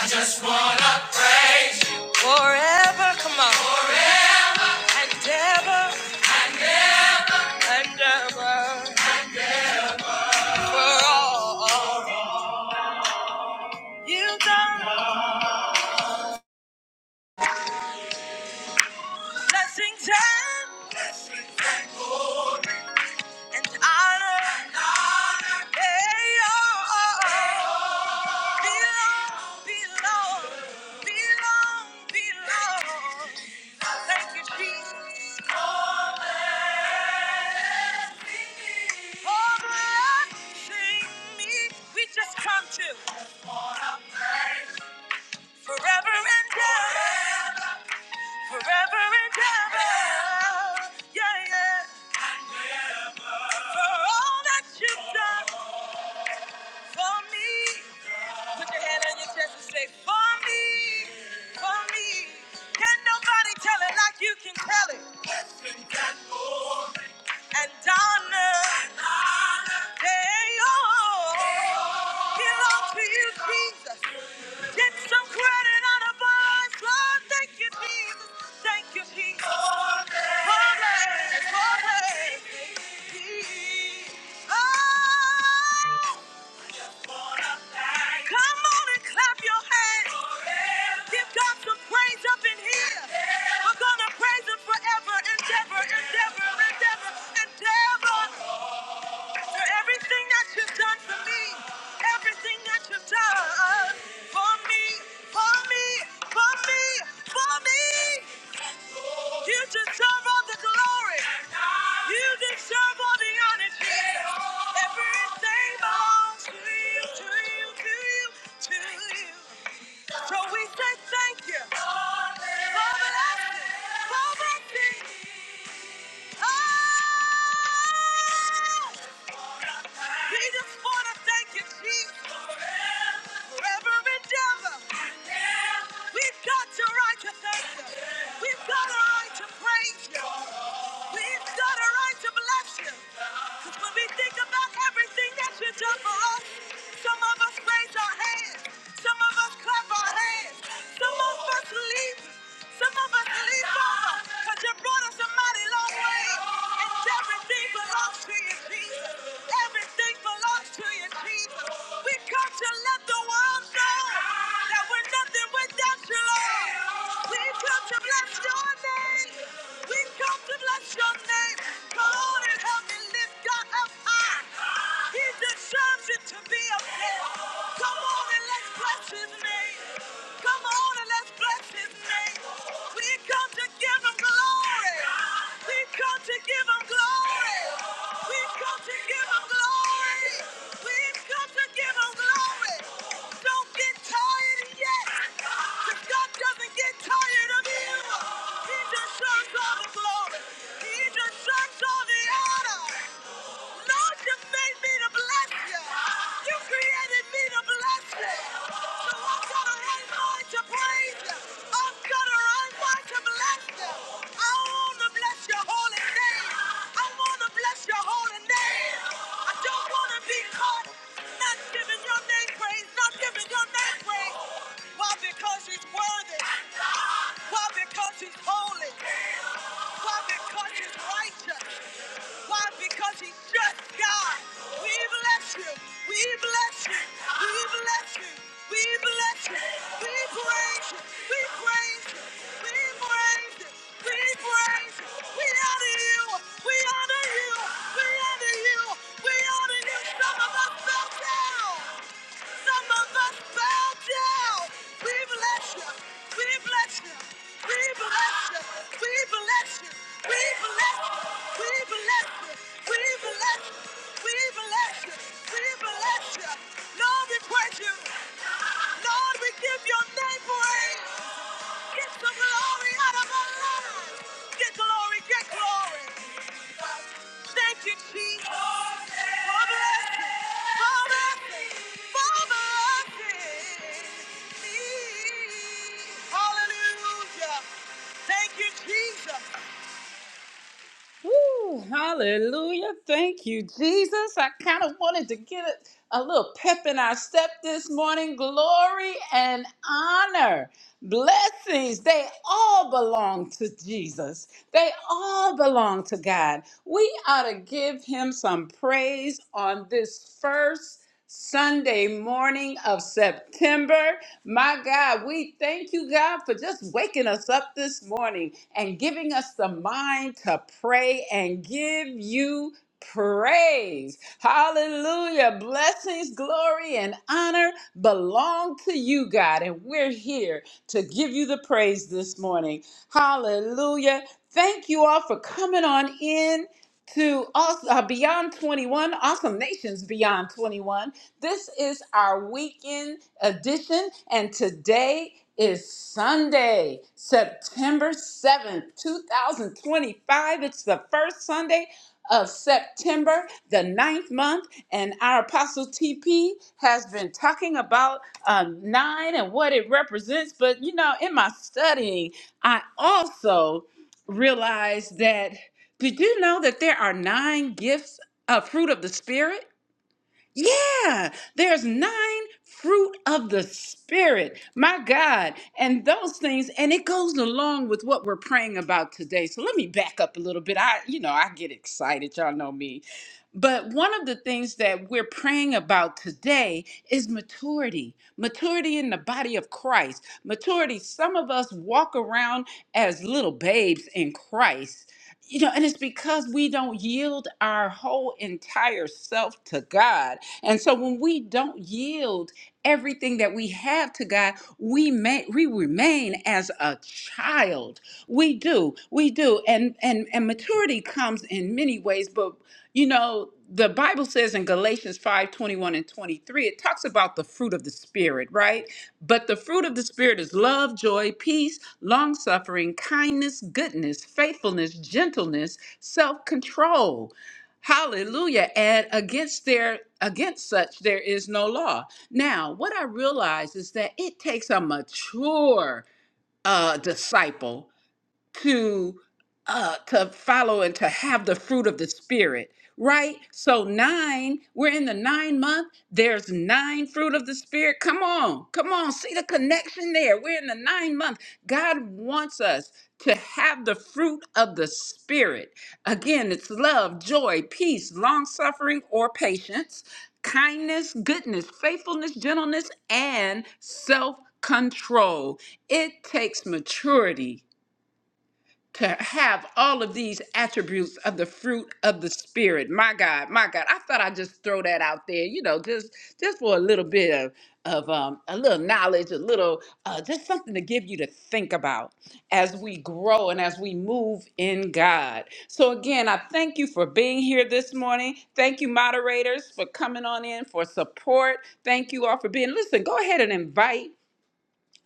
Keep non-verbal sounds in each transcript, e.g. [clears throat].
I just wanna praise you forever. Come on, forever and ever and ever and ever for all you've done. Blessings and and honor, and honor. They all belong, belong, belong, belong. Thank you, Jesus. Oh, blessing me. We just come to. Forever and ever. Forever and ever. Yeah, yeah. For all that you've done for me. Put your hand on your chest and say, For me. For me. Can nobody tell it like you can tell it? And Donna. Hey, oh. Belong to you, Jesus. Get some credit on the bus. Lord, thank you, Jesus. Thank you, Jesus. Holy, holy, Jesus. Oh, come on and clap your hands. Give God some praise up in here. We're gonna praise Him forever, endeavor, endeavor, endeavor, endeavor. For everything that you've done for me, everything that you've done for me, for me, for me, for me. You deserve all the glory. You deserve all the honor, Jesus. Everything belongs to you, to you, to you, to you. So we say thank you for blessing, for blessing. us. We just want to thank you, Jesus, for every endeavor. We've got the right to thank you. We've got a right to praise you. We've got a right to bless you. 'Cause when we think about everything that you have done for us, some of us raise our hands, some of us clap our hands, some of us leap, some of us leap over. 'Cause you brought us a mighty long way. And everything belongs to you, Jesus. Everything belongs to you, Jesus. We come to let the world know that we're nothing without you, Lord. We come to bless your name. We come to bless your name. Come on and help me lift God up high. He deserves it to be up there. Come on and let's bless his name. Come on and let's bless his name. We come to give him glory. We come to give him glory. We come to give him glory. We come to give him glory. Don't get tired yet. 'cause God doesn't get tired of you. He just deserves all the glory. He just deserves all the honor. Lord, you made me to bless you. You created me to bless you. So I've got a right mind to praise you. I've got a right mind to bless you. I want to bless your holy name. I want to bless your holy name. I don't want to be caught not giving your name praise, not giving your name praise. Why? Because he's worthy. Why? Because he's holy. Why? Because he's righteous. Why? Because he's just God. We bless you. We bless you. We bless you. We bless you. We praise you. We praise you. We praise you. We praise you. We honor you. We honor you. We honor you. We honor you. Some of us fell down. Some of us bow down. We bless you. We bless you. We bless you. We bless you. We bless you. We bless you. We bless you. We bless you. We bless you. Lord, we praise you. Lord, we give your name praise. Get the glory out of our lives. Get glory. Get glory. Thank you, Jesus, for blessing, for blessing, for blessing me. Hallelujah. Thank you, Jesus. Woo, hallelujah. Thank you, Jesus. I kind of wanted to get a, a little pep in our step this morning. Glory and honor, blessings, they all belong to Jesus. They all belong to God. We ought to give him some praise on this first. Sunday morning of September. My God, we thank you, God, for just waking us up this morning and giving us the mind to pray and give you praise. Hallelujah. Blessings, glory, and honor belong to you, God. And we're here to give you the praise this morning. Hallelujah. Thank you all for coming on in to us uh, beyond 21 awesome nations beyond 21 this is our weekend edition and today is sunday september 7th 2025 it's the first sunday of september the ninth month and our apostle tp has been talking about uh, nine and what it represents but you know in my studying i also realized that did you know that there are nine gifts of fruit of the Spirit? Yeah, there's nine fruit of the Spirit. My God. And those things, and it goes along with what we're praying about today. So let me back up a little bit. I, you know, I get excited. Y'all know me. But one of the things that we're praying about today is maturity, maturity in the body of Christ. Maturity, some of us walk around as little babes in Christ you know, and it's because we don't yield our whole entire self to God. And so when we don't yield everything that we have to God, we may, we remain as a child. We do. We do. And and and maturity comes in many ways, but you know, the Bible says in Galatians 5 21 and 23, it talks about the fruit of the spirit, right? But the fruit of the Spirit is love, joy, peace, long suffering, kindness, goodness, faithfulness, gentleness, self control. Hallelujah. And against their against such there is no law. Now, what I realize is that it takes a mature uh, disciple to uh to follow and to have the fruit of the spirit right so nine we're in the nine month there's nine fruit of the spirit come on come on see the connection there we're in the nine month god wants us to have the fruit of the spirit again it's love joy peace long suffering or patience kindness goodness faithfulness gentleness and self control it takes maturity to have all of these attributes of the fruit of the spirit. My God, my God. I thought I'd just throw that out there, you know, just just for a little bit of of um, a little knowledge, a little uh, just something to give you to think about as we grow and as we move in God. So again, I thank you for being here this morning. Thank you, moderators, for coming on in for support. Thank you all for being. Listen, go ahead and invite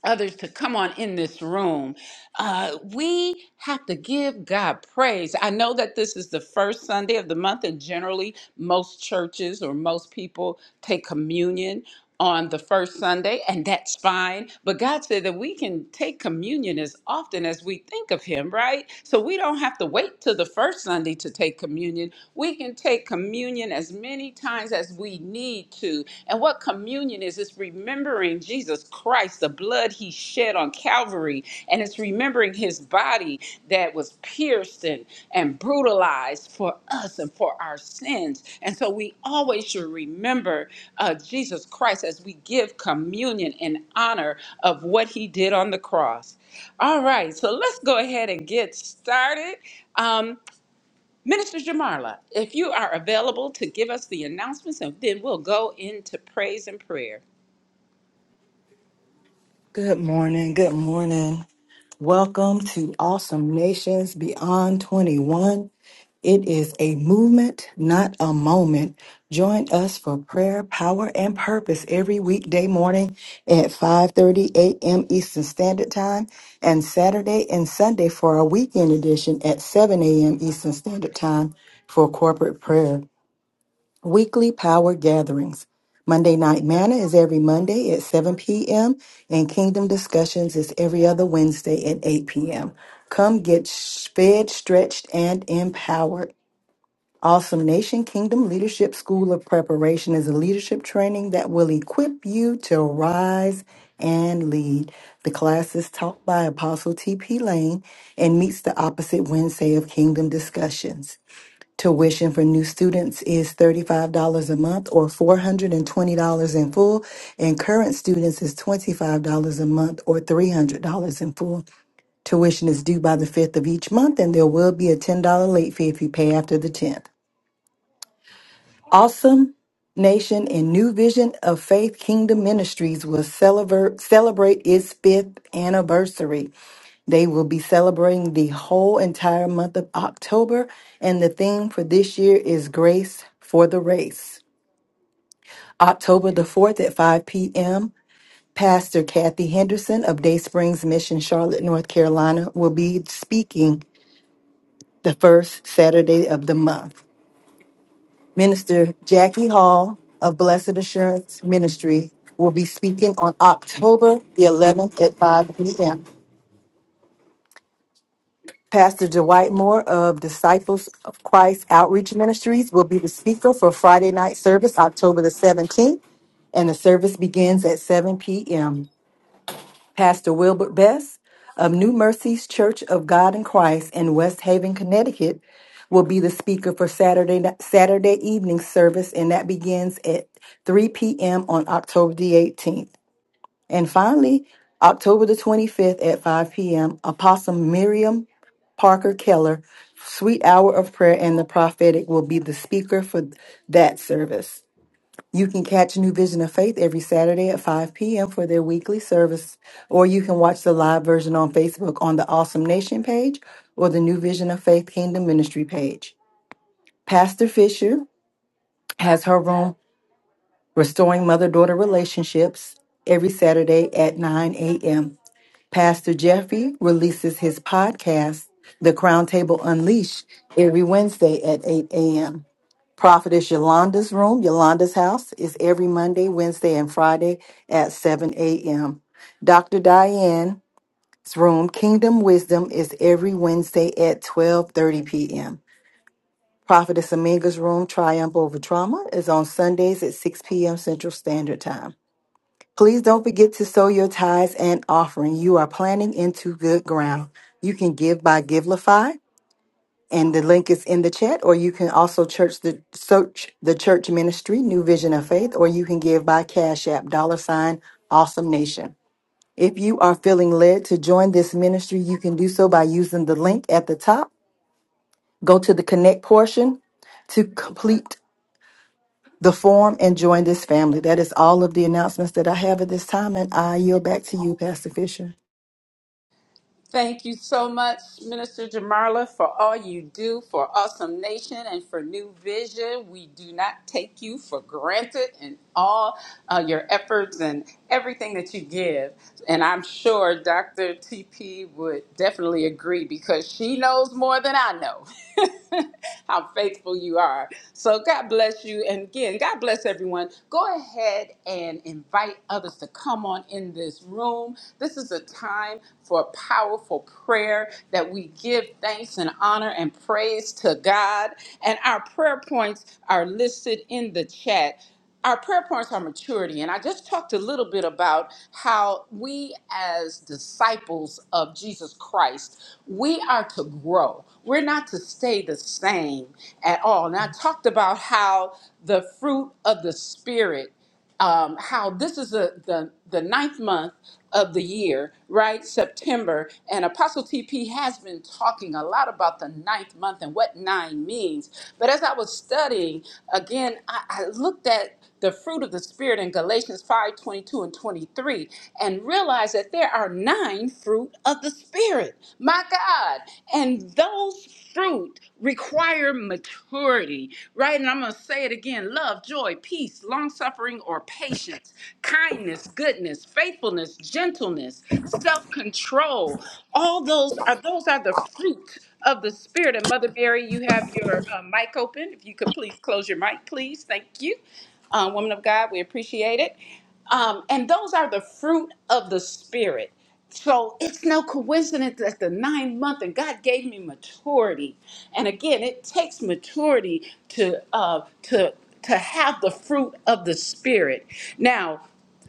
others to come on in this room. Uh, we have to give God praise. I know that this is the first Sunday of the month, and generally, most churches or most people take communion on the first Sunday, and that's fine. But God said that we can take communion as often as we think of Him, right? So we don't have to wait till the first Sunday to take communion. We can take communion as many times as we need to. And what communion is, it's remembering Jesus Christ, the blood he shed on Calvary, and it's remembering his body that was pierced and, and brutalized for us and for our sins. And so we always should remember uh, Jesus Christ as we give communion in honor of what he did on the cross. All right, so let's go ahead and get started. Um, Minister Jamarla, if you are available to give us the announcements, and then we'll go into praise and prayer. Good morning. Good morning. Welcome to Awesome Nations Beyond 21. It is a movement, not a moment. Join us for prayer, power, and purpose every weekday morning at 5:30 a.m. Eastern Standard Time and Saturday and Sunday for our weekend edition at 7 a.m. Eastern Standard Time for corporate prayer. Weekly Power Gatherings. Monday Night Manna is every Monday at 7 p.m., and Kingdom Discussions is every other Wednesday at 8 p.m. Come get fed, stretched, and empowered. Awesome Nation Kingdom Leadership School of Preparation is a leadership training that will equip you to rise and lead. The class is taught by Apostle T.P. Lane and meets the opposite Wednesday of Kingdom Discussions. Tuition for new students is $35 a month or $420 in full, and current students is $25 a month or $300 in full. Tuition is due by the 5th of each month, and there will be a $10 late fee if you pay after the 10th. Awesome Nation and New Vision of Faith Kingdom Ministries will celebrate celebrate its fifth anniversary. They will be celebrating the whole entire month of October, and the theme for this year is Grace for the Race. October the 4th at 5 p.m., Pastor Kathy Henderson of Day Springs Mission, Charlotte, North Carolina, will be speaking the first Saturday of the month. Minister Jackie Hall of Blessed Assurance Ministry will be speaking on October the 11th at 5 p.m. Pastor Dwight Moore of Disciples of Christ Outreach Ministries will be the speaker for Friday night service, October the 17th, and the service begins at 7 p.m. Pastor Wilbert Best of New Mercies Church of God in Christ in West Haven, Connecticut, will be the speaker for Saturday Saturday evening service, and that begins at 3 p.m. on October the 18th. And finally, October the 25th at 5 p.m., Apostle Miriam Parker Keller, Sweet Hour of Prayer and the Prophetic, will be the speaker for that service. You can catch New Vision of Faith every Saturday at 5 p.m. for their weekly service, or you can watch the live version on Facebook on the Awesome Nation page or the New Vision of Faith Kingdom Ministry page. Pastor Fisher has her room, Restoring Mother Daughter Relationships, every Saturday at 9 a.m. Pastor Jeffrey releases his podcast, The Crown Table Unleashed, every Wednesday at 8 a.m. Prophetess Yolanda's room, Yolanda's house, is every Monday, Wednesday, and Friday at 7 a.m. Dr. Diane's room, Kingdom Wisdom, is every Wednesday at 12:30 p.m. Prophetess Aminga's room, Triumph Over Trauma, is on Sundays at 6 p.m. Central Standard Time. Please don't forget to sow your tithes and offering. You are planting into good ground. You can give by Givelify and the link is in the chat, or you can also church the search the church ministry, New Vision of Faith, or you can give by Cash App, dollar sign, awesome nation. If you are feeling led to join this ministry, you can do so by using the link at the top. Go to the connect portion to complete the form and join this family. That is all of the announcements that I have at this time, and I yield back to you, Pastor Fisher. Thank you so much, Minister Jamarla, for all you do for Awesome Nation and for New Vision. We do not take you for granted in all uh, your efforts and everything that you give. And I'm sure Dr. TP would definitely agree because she knows more than I know [laughs] how faithful you are. So God bless you. And again, God bless everyone. Go ahead and invite others to come on in this room. This is a time for powerful prayer that we give thanks and honor and praise to God. And our prayer points are listed in the chat. Our prayer points are maturity. And I just talked a little bit about how we, as disciples of Jesus Christ, we are to grow. We're not to stay the same at all. And I talked about how the fruit of the Spirit um, how this is the, the the ninth month of the year, right? September, and Apostle TP has been talking a lot about the ninth month and what nine means. But as I was studying again, I, I looked at the fruit of the spirit in Galatians 5 22 and 23, and realized that there are nine fruit of the spirit. My God. And those fruit require maturity, right? And I'm gonna say it again. Love love, joy, peace, long suffering, or patience, kindness, goodness, faithfulness, gentleness, self control. All those are those are the fruit of the spirit. And Mother Mary, you have your uh, mic open. If you could please close your mic, please. Thank you, uh, woman of God. We appreciate it. Um, and those are the fruit of the spirit. So it's no coincidence that the nine month and God gave me maturity. And again, it takes maturity to uh, to to have the fruit of the spirit. Now,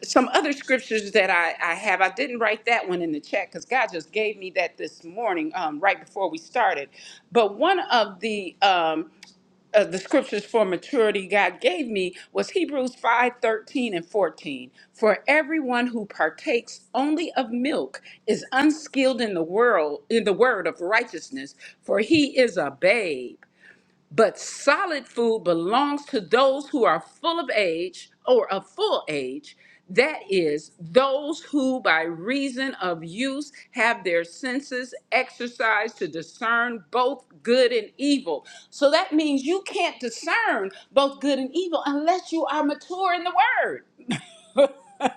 some other scriptures that I, I have, I didn't write that one in the chat because God just gave me that this morning, um, right before we started. But one of the um, uh, the scriptures for maturity God gave me was Hebrews 5 13 and 14. For everyone who partakes only of milk is unskilled in the world in the word of righteousness, for he is a babe. But solid food belongs to those who are full of age or of full age, that is, those who by reason of use have their senses exercised to discern both good and evil. So that means you can't discern both good and evil unless you are mature in the word. [laughs] [laughs]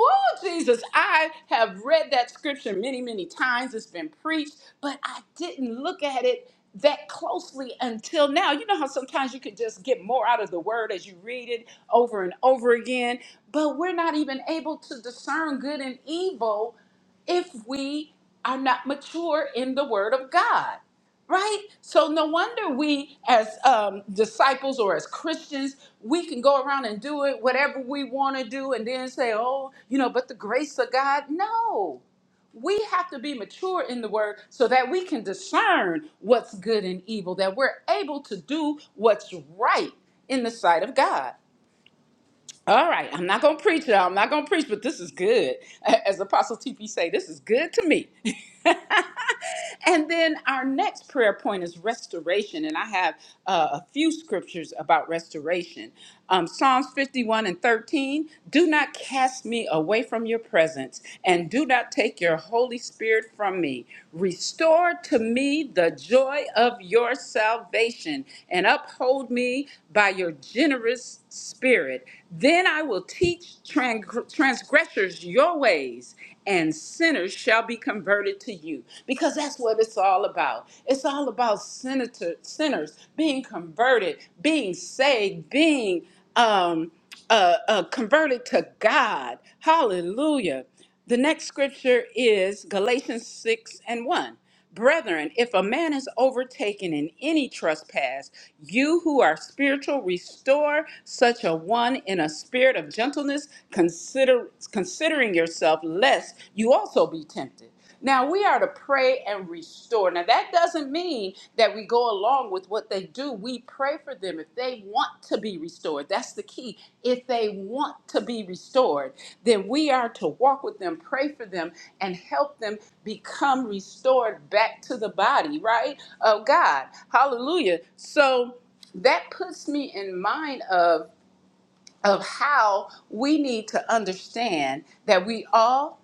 Oh, Jesus, I have read that scripture many, many times. It's been preached, but I didn't look at it that closely until now. You know how sometimes you can just get more out of the word as you read it over and over again, but we're not even able to discern good and evil if we are not mature in the word of God right? So no wonder we, as um, disciples or as Christians, we can go around and do it whatever we want to do, and then say, "Oh, you know," but the grace of God, no. We have to be mature in the word so that we can discern what's good and evil, that we're able to do what's right in the sight of God. All right, I'm not gonna preach, y'all. I'm not gonna preach, but this is good. A- As Apostle TP say, this is good to me. [laughs] and then our next prayer point is restoration, and I have uh, a few scriptures about restoration. Um, Psalms 51 and 13. Do not cast me away from your presence, and do not take your Holy Spirit from me. Restore to me the joy of your salvation, and uphold me by your generous spirit. Then I will teach tran- transgressors your ways, and sinners shall be converted to you. Because that's what it's all about. It's all about senator, sinners being converted, being saved, being um, uh, uh, converted to God. Hallelujah. The next scripture is Galatians 6 and 1. Brethren, if a man is overtaken in any trespass, you who are spiritual, restore such a one in a spirit of gentleness, consider, considering yourself, lest you also be tempted. Now we are to pray and restore. Now that doesn't mean that we go along with what they do. We pray for them if they want to be restored. That's the key. If they want to be restored, then we are to walk with them, pray for them, and help them become restored back to the body, right? Of God. Hallelujah. So that puts me in mind of of how we need to understand that we all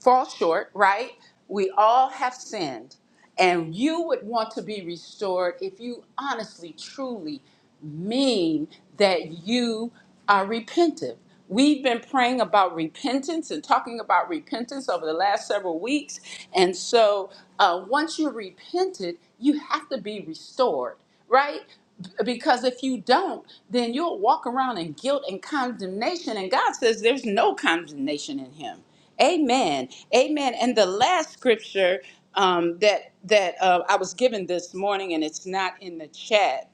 fall short, right? We all have sinned. And you would want to be restored if you honestly, truly mean that you are repentant. We've been praying about repentance and talking about repentance over the last several weeks. And so uh, once you're repented, you have to be restored, right? B- Because if you don't, then you'll walk around in guilt and condemnation. And God says there's no condemnation in Him. Amen. Amen. And the last scripture um, that that uh, I was given this morning, and it's not in the chat.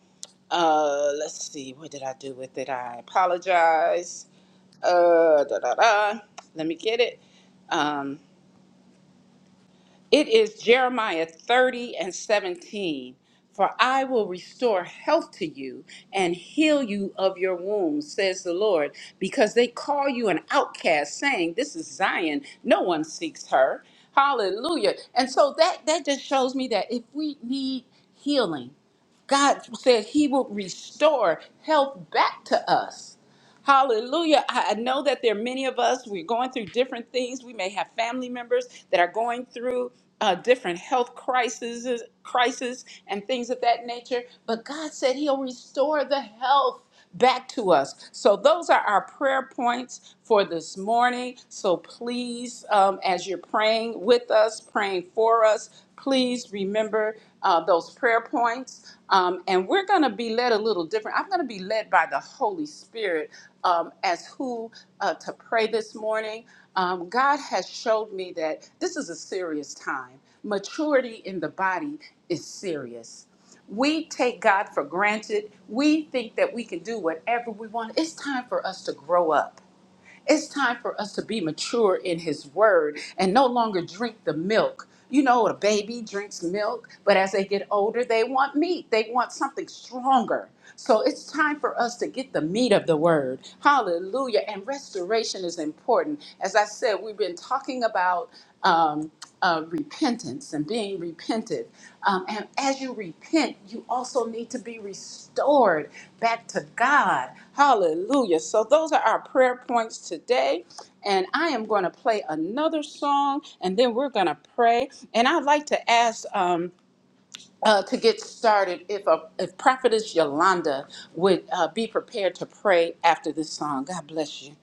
Uh, let's see, what did I do with it? I apologize. Uh, da, da, da. Let me get it. Um, it is Jeremiah 30 and 17. For I will restore health to you and heal you of your wounds, says the Lord, because they call you an outcast, saying, This is Zion, no one seeks her. Hallelujah. And so that, that just shows me that if we need healing, God said He will restore health back to us. Hallelujah. I I know that there are many of us, we're going through different things. We may have family members that are going through uh, different health crises, crisis and things of that nature. But God said He'll restore the health back to us. So those are our prayer points for this morning. So please, um, as you're praying with us, praying for us, please remember uh, those prayer points. Um, and we're going to be led a little different. I'm going to be led by the Holy Spirit um, as who uh, to pray this morning. Um, God has showed me that this is a serious time. Maturity in the body is serious. We take God for granted. We think that we can do whatever we want. It's time for us to grow up. It's time for us to be mature in His Word and no longer drink the milk. You know, a baby drinks milk, but as they get older, they want meat. They want something stronger. So it's time for us to get the meat of the Word. Hallelujah. And restoration is important. As I said, we've been talking about. Um, uh, repentance and being repented. Um, and as you repent, you also need to be restored back to God. Hallelujah. So, those are our prayer points today. And I am going to play another song and then we're going to pray. And I'd like to ask. Um, uh, to get started, if a, if Prophetess Yolanda would uh, be prepared to pray after this song, God bless you.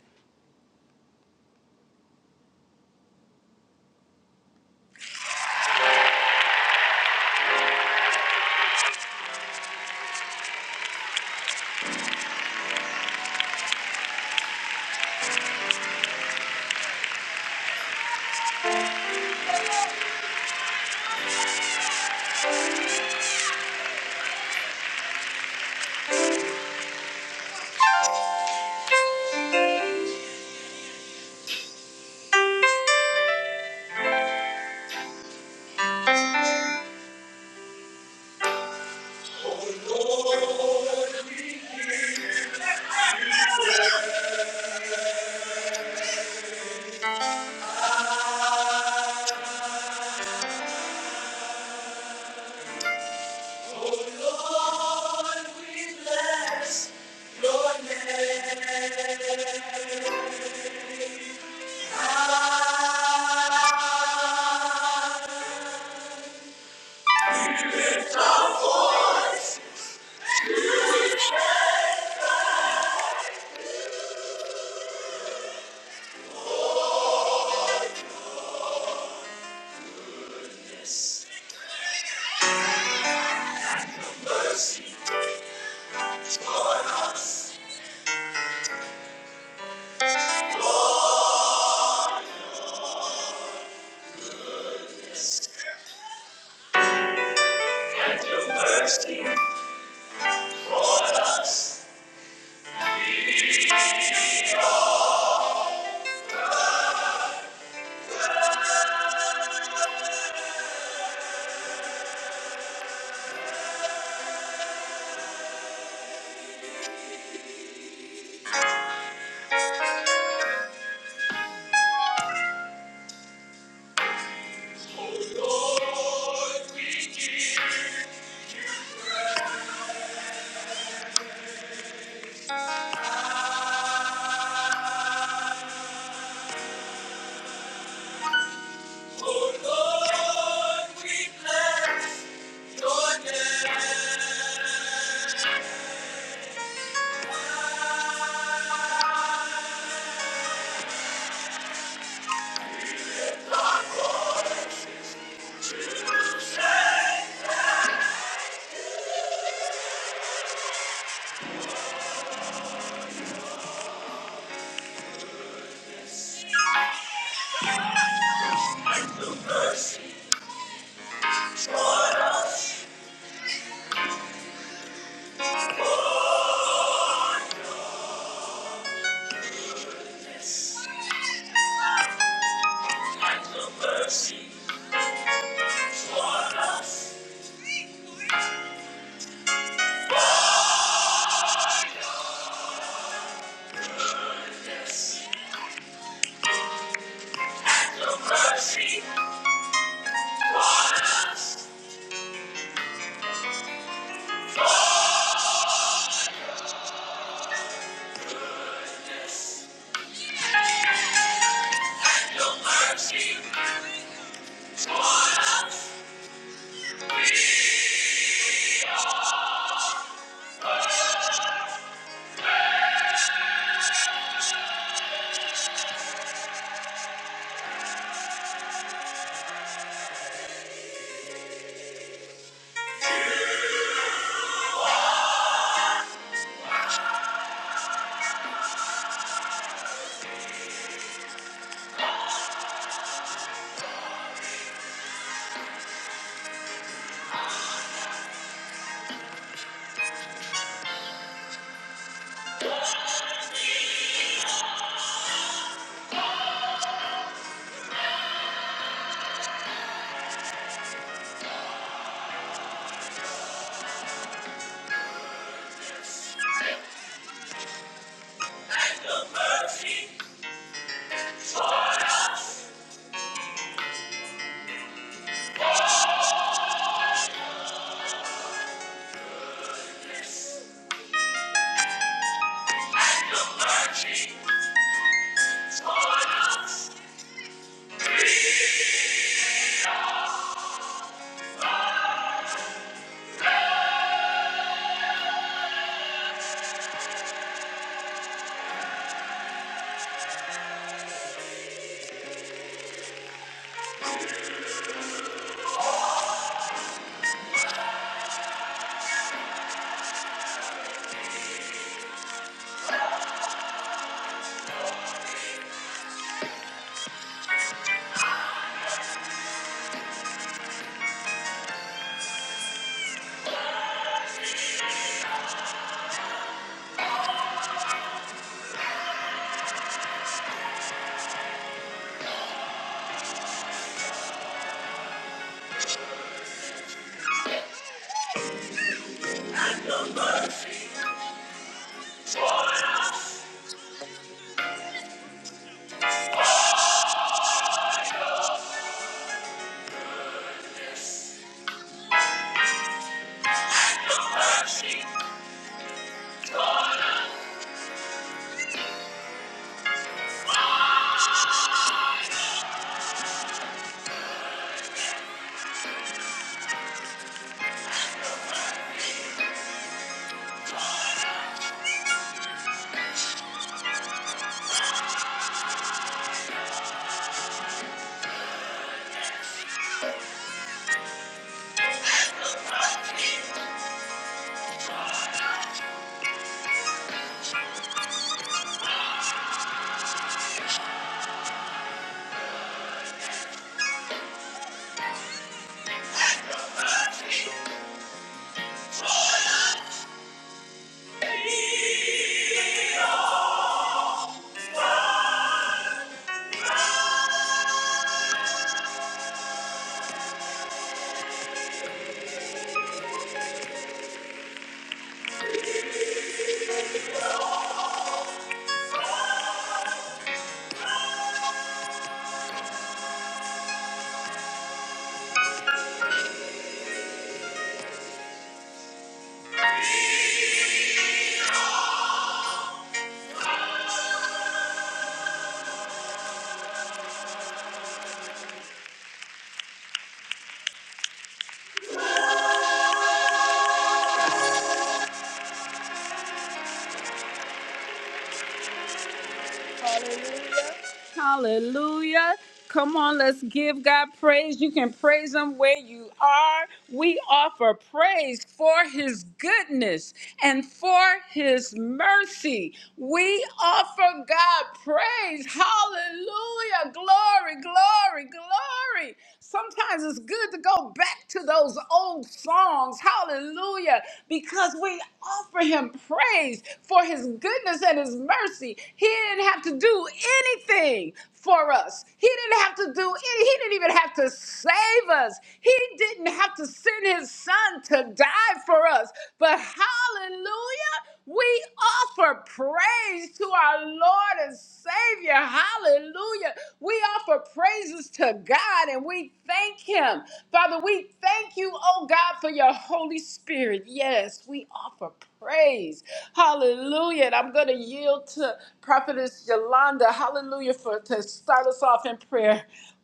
Mercy. Toward us, like the mercy toward us, the mercy, your mercy toward us, the mercy. Hallelujah. Come on, let's give God praise. You can praise Him where you are. We offer praise for His goodness and for His mercy. We offer God praise. Hallelujah. Glory, glory, glory. Sometimes it's good to go back to those old songs. Hallelujah. Because we offer him praise for his goodness and his mercy. He didn't have to do anything for us. He didn't have to do any, he didn't even have to save us. He didn't have to send his son to die for us. But hallelujah, we offer praise to our Lord and Savior. Hallelujah. We offer praises to God and we thank Him. Father, we thank you, oh God, for your Holy Spirit. Yes, we offer praise. Hallelujah. And I'm going to yield to Prophetess Yolanda. Hallelujah for to start us off in prayer.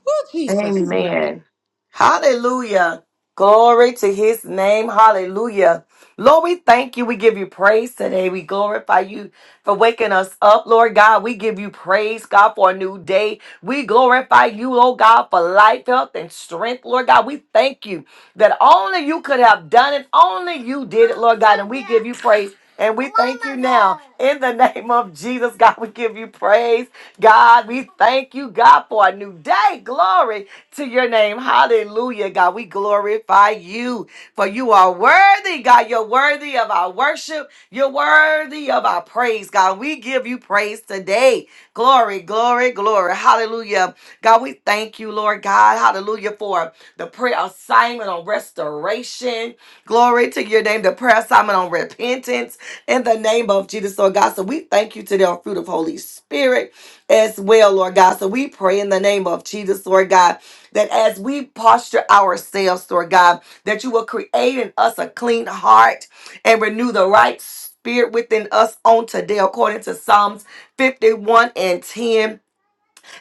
Oh, Jesus. Amen. Hallelujah. Glory to his name. Hallelujah. Lord, we thank you. We give you praise today. We glorify you for waking us up, Lord God. We give you praise, God, for a new day. We glorify you, oh God, for life, health, and strength, Lord God. We thank you that only you could have done it. Only you did it, Lord God. And we give you praise. And we thank you now in the [laughs] name of Jesus, God. We give you praise. God, we thank you, God, for a new day. Glory to your name. Hallelujah, God. We glorify you, for you are worthy, God. You're worthy of our worship. You're worthy of our praise, God. We give you praise today. Glory, glory, glory. Hallelujah. God, we thank you, Lord God. Hallelujah, for the prayer assignment on restoration. Glory to your name, the prayer assignment on repentance in the name of Jesus, Lord God. So we thank you today on fruit of Holy Spirit as well, Lord God. So we pray in the name of Jesus, Lord God, that as we posture ourselves, Lord God, that you will create in us a clean heart and renew the right spirit within us on today, according to Psalms 51 and 10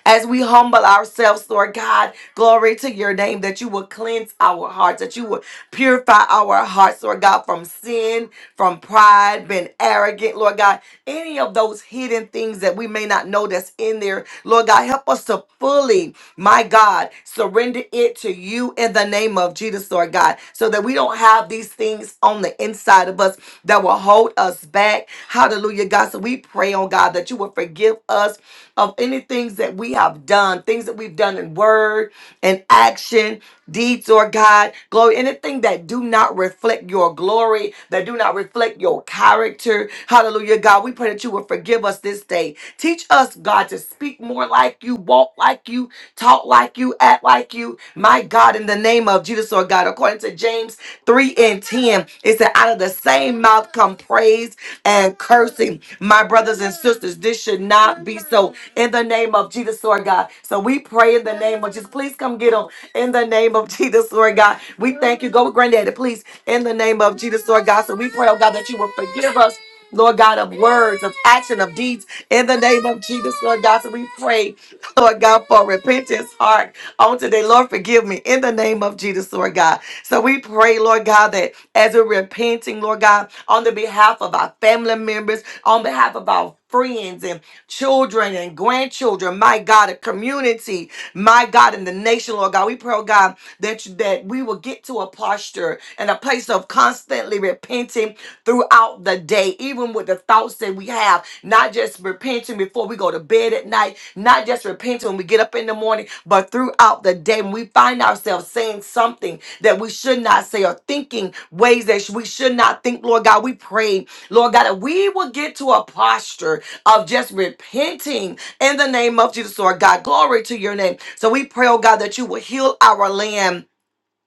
as we humble ourselves, Lord God. Glory to your name that you will cleanse our hearts, that you will purify our hearts, Lord God, from sin, from pride, being arrogant, Lord God. Any of those hidden things that we may not know that's in there, Lord God, help us to fully, my God, surrender it to you in the name of Jesus, Lord God, so that we don't have these things on the inside of us that will hold us back. Hallelujah, God. So we pray, on God, that you will forgive us of of any things that we have done, things that we've done in word and action, deeds, or God, glory, anything that do not reflect your glory, that do not reflect your character. Hallelujah, God. We pray that you will forgive us this day. Teach us, God, to speak more like you, walk like you, talk like you, act like you. My God, in the name of of Judas, Lord God. According to James 3 and 10, it said, out of the same mouth come praise and cursing. My brothers and sisters, this should not be so in the name of Jesus, Lord God. So we pray in the name of Jesus. Please come get them in the name of [laughs] Jesus, Lord God. We thank you. Go with granddaddy, please, in the name of Jesus, Lord God. So we pray, oh God, that you will forgive us. Lord God, of words, of action, of deeds, in the name of Jesus, Lord God. So we pray, Lord God, for repentance heart on today. Lord, forgive me in the name of Jesus, Lord God. So we pray, Lord God, that as we're repenting, Lord God, on the behalf of our family members, on behalf of our friends and children and grandchildren, my God, a community, my God, in the nation, Lord God, we pray, oh God, that, that we will get to a posture and a place of constantly repenting throughout the day, even with the thoughts that we have, not just repenting before we go to bed at night, not just repenting when we get up in the morning, but throughout the day when we find ourselves saying something that we should not say or thinking ways that we should not think, Lord God, we pray, Lord God, that we will get to a posture of just repenting in the name of Jesus, Lord God. Glory to your name. So we pray, oh God, that you will heal our land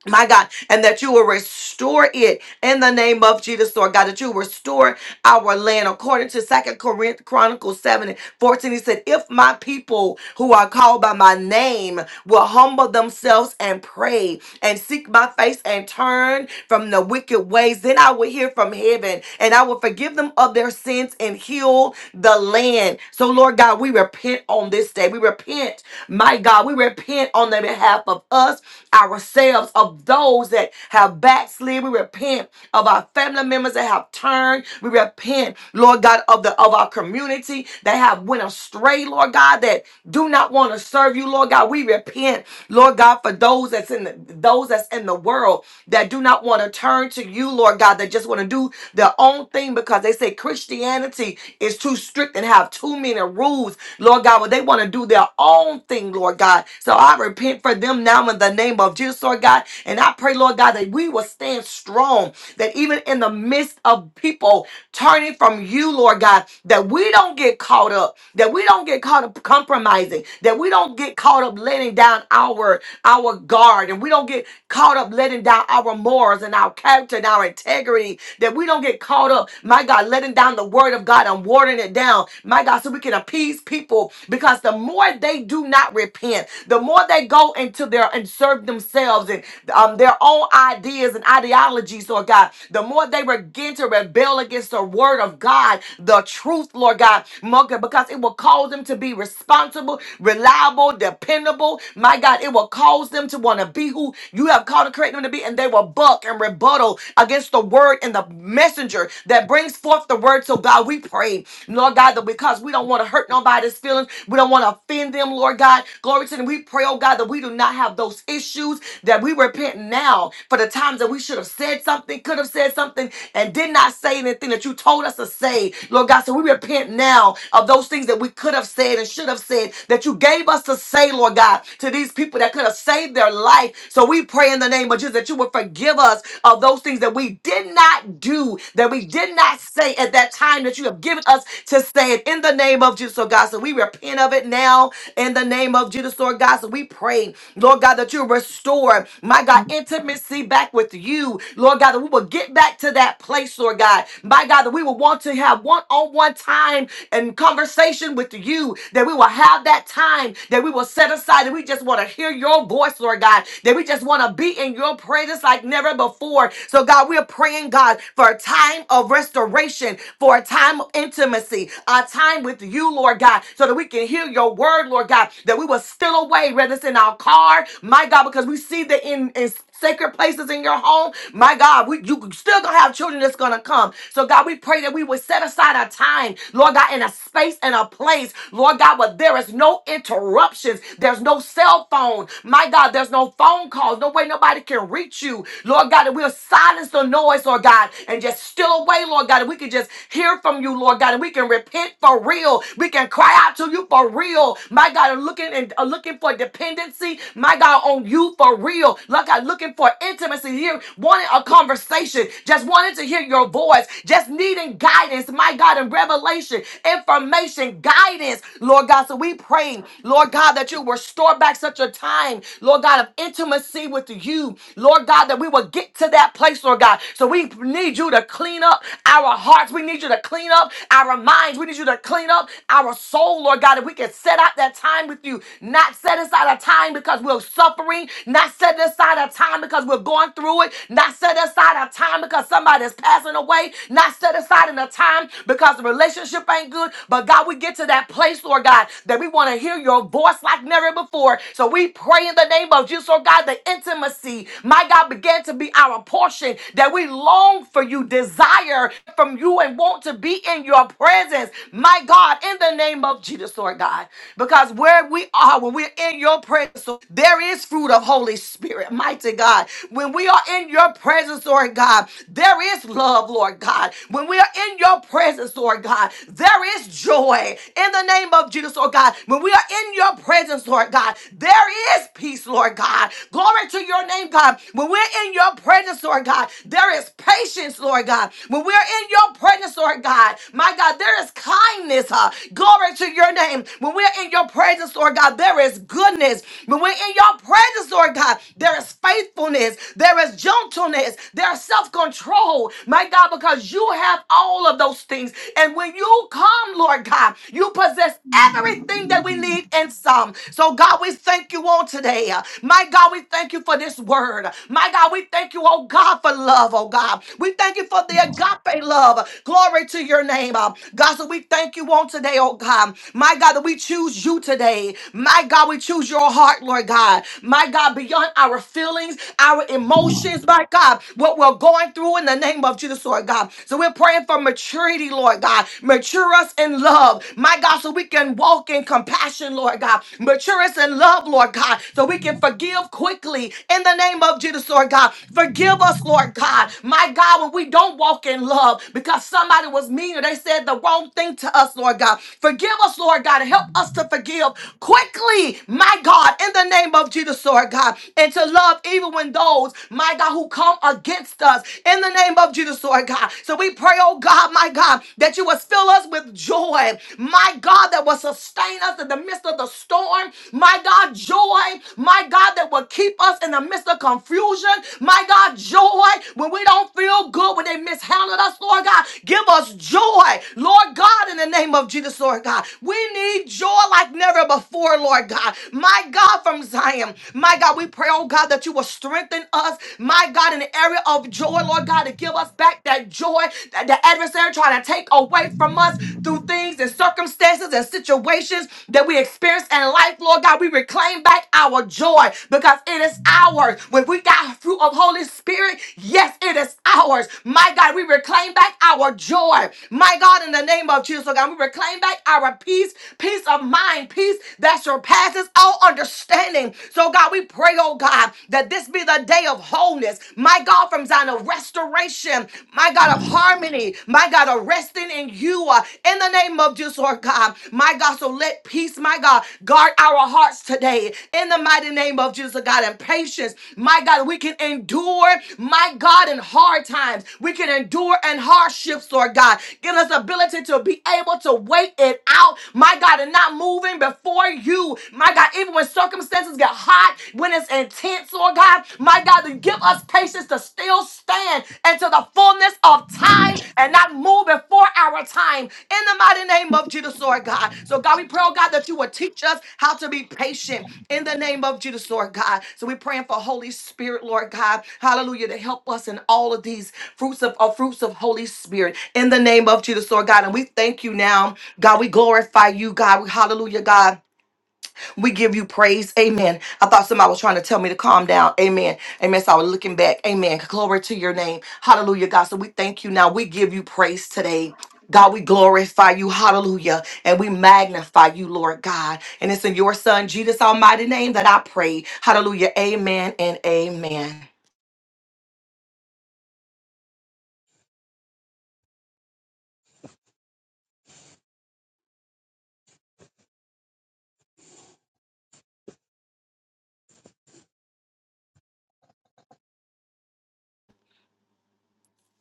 my God, and that you will restore it in the name of Jesus, Lord God, that you restore our land. According to Second Corinth Chronicles 7 and 14, he said, If my people who are called by my name will humble themselves and pray and seek my face and turn from the wicked ways, then I will hear from heaven and I will forgive them of their sins and heal the land. So, Lord God, we repent on this day. We repent, my God, we repent on the behalf of us ourselves of those that have backslid. We repent of our family members that have turned. We repent, Lord God, of the of our community that have went astray, Lord God, that do not want to serve you, Lord God. We repent, Lord God, for those that's in the those that's in the world that do not want to turn to you, Lord God, that just want to do their own thing because they say Christianity is too strict and have too many rules, Lord God, but they want to do their own thing, Lord God. So I repent for them now in the name of Jesus, Lord God. And I pray, Lord God, that we will stand strong, that even in the midst of people turning from you, Lord God, that we don't get caught up, that we don't get caught up compromising, that we don't get caught up letting down our our guard and we don't get caught up letting down our morals and our character and our integrity. That we don't get caught up, my God, letting down the word of God and watering it down, my God, so we can appease people. Because the more they do not repent, the more they go into their and serve themselves and um, their own ideas and ideologies, Lord God, the more they begin to rebel against the word of God, the truth, Lord God, Mo- because it will cause them to be responsible, reliable, dependable accountable. My God, it will cause them to want to be who you have called to create them to be, and they will buck and rebuttal against the word and the messenger that brings forth the word. So, God, we pray, Lord God, that because we don't want to hurt nobody's feelings, we don't want to offend them, Lord God. Glory to them. We pray, oh God, that we do not have those issues, that we repent now for the times that we should have said something, could have said something, and did not say anything that you told us to say, Lord God. So we repent now of those things that we could have said and should have said that you gave gave us to say, Lord God, to these people that could have saved their life. So we pray in the name of Jesus that you would forgive us of those things that we did not do, that we did not say at that time that you have given us to say it in the name of Jesus, Lord God. So we repent of it now in the name of Jesus, Lord God. So we pray, Lord God, that you restore, my God, intimacy back with you, Lord God, that we will get back to that place, Lord God. My God, that we will want to have one on one time and conversation with you, that we will have that time that we will set aside, that we just want to hear your voice, Lord God, that we just want to be in your presence like never before. So, God, we're praying, God, for a time of restoration, for a time of intimacy, a time with you, Lord God, so that we can hear your word, Lord God, that we will still away, whether it's in our car, my God, because we see the in, in sacred places in your home. My God, we, you still gonna have children that's gonna come. So God, we pray that we would set aside a time, Lord God, in a space and a place, Lord God, where there is no interruptions. There's no cell phone. My God, there's no phone calls. No way nobody can reach you. Lord God, that we'll silence the noise, Lord God, and just still away, Lord God, and we can just hear from you, Lord God, and we can repent for real. We can cry out to you for real. My God, and looking and uh, looking for dependency, my God, on you for real. Like I looking for intimacy here, wanting a conversation, just wanting to hear your voice, just needing guidance, my God, and revelation, information, guidance, Lord God. So we pray, Lord God, that you will restore back such a time, Lord God, of intimacy with you, Lord God, that we will get to that place, Lord God. So we need you to clean up our hearts. We need you to clean up our minds. We need you to clean up our soul, Lord God, that we can set out that time with you, not set aside a time because we're suffering, not setting aside a time because we're going through it, not setting aside a time because somebody's passing away, not setting aside in a time because the relationship ain't good. But God, we get to that place, Lord God, that we want to hear your voice like never before. So we pray in the name of Jesus, Lord God, the intimacy, my God, began to be our portion that we long for you, desire from you, and want to be in your presence, my God, in the name of Jesus, Lord God. Because where we are, when we're in your presence, there is fruit of of Holy Spirit, mighty God. When we are in your presence, Lord God, there is love, Lord God. When we are in your presence, Lord God, there is joy in the name of Jesus, Lord God. When we are in your presence, Lord God, there is peace, Lord God. Glory to your name, God. When we're in your presence, Lord God, there is patience, Lord God. When we're in your presence, Lord God, my God, there is kindness. huh? glory to your name. When we're in your presence, Lord God, there is goodness. When we're in your presence, Lord God, there is faithfulness, there is gentleness, there is self control, my God, because you have all of those things. And when you come, Lord God, you possess everything that we need and some. So, God, we thank you on today. My God, we thank you for this word. My God, we thank you, oh God, for love, oh God. We thank you for the agape love. Glory to your name. Uh, God, so we thank you on today, oh God. My God, that we choose you today. My God, we choose your heart, Lord God. God. My God, beyond our feelings, our emotions, my God, what we're going through in the name of Jesus, Lord God. So we're praying for maturity, Lord God. Mature us in love, my God, so we can walk in compassion, Lord God. Mature us in love, Lord God, so we can forgive quickly in the name of Jesus, Lord God. Forgive us, Lord God, my God, when we don't walk in love because somebody was mean or they said the wrong thing to us, Lord God. Forgive us, Lord God, and help us to forgive quickly, my God, in the name of Jesus, Lord God, and to love even when those, my God, who come against us in the name of Jesus, Lord God. So we pray, oh God, my God, that you will fill us with joy, my God, that will sustain us in the midst of the storm, my God, joy, my God, that will keep us in the midst of confusion, my God, joy when we don't feel good, when they mishandled us, Lord God, give us joy, Lord God, in the name of Jesus, Lord God. We need joy like never before, Lord God. My God, from Zion. My God, we pray, oh God, that you will strengthen us. My God, in the area of joy, Lord God, to give us back that joy that the adversary trying to take away from us through things and circumstances and situations that we experience in life, Lord God. We reclaim back our joy because it is ours. When we got fruit of Holy Spirit, yes, it is ours. My God, we reclaim back our joy. My God, in the name of Jesus, Lord God, we reclaim back our peace, peace of mind, peace that surpasses surpasses all understanding. So, God, we pray, oh God, that this be the day of wholeness. My God, from Zion, of restoration. My God, of harmony. My God, of resting in you. uh, In the name of Jesus, Lord God. My God, so let peace, my God, guard our hearts today. In the mighty name of Jesus, God, and patience. My God, we can endure, my God, in hard times. We can endure in hardships, Lord God. Give us ability to be able to wait it out, my God, and not moving before you you, my God, even when circumstances get hot, when it's intense, Lord God, my God, to give us patience to still stand into the fullness of time and not move before our time in the mighty name of Jesus, Lord God. So, God, we pray, oh God, that you would teach us how to be patient in the name of Jesus, Lord God. So, we're praying for Holy Spirit, Lord God, hallelujah, to help us in all of these fruits of uh, fruits of Holy Spirit in the name of Jesus, Lord God. And we thank you now, God, we glorify you, God, We hallelujah, God. We give you praise. Amen. I thought somebody was trying to tell me to calm down. Amen. Amen. So I was looking back. Amen. Glory to your name. Hallelujah, God. So we thank you now. We give you praise today. God, we glorify you. Hallelujah. And we magnify you, Lord God. And it's in your son, Jesus' almighty name, that I pray. Hallelujah. Amen and amen.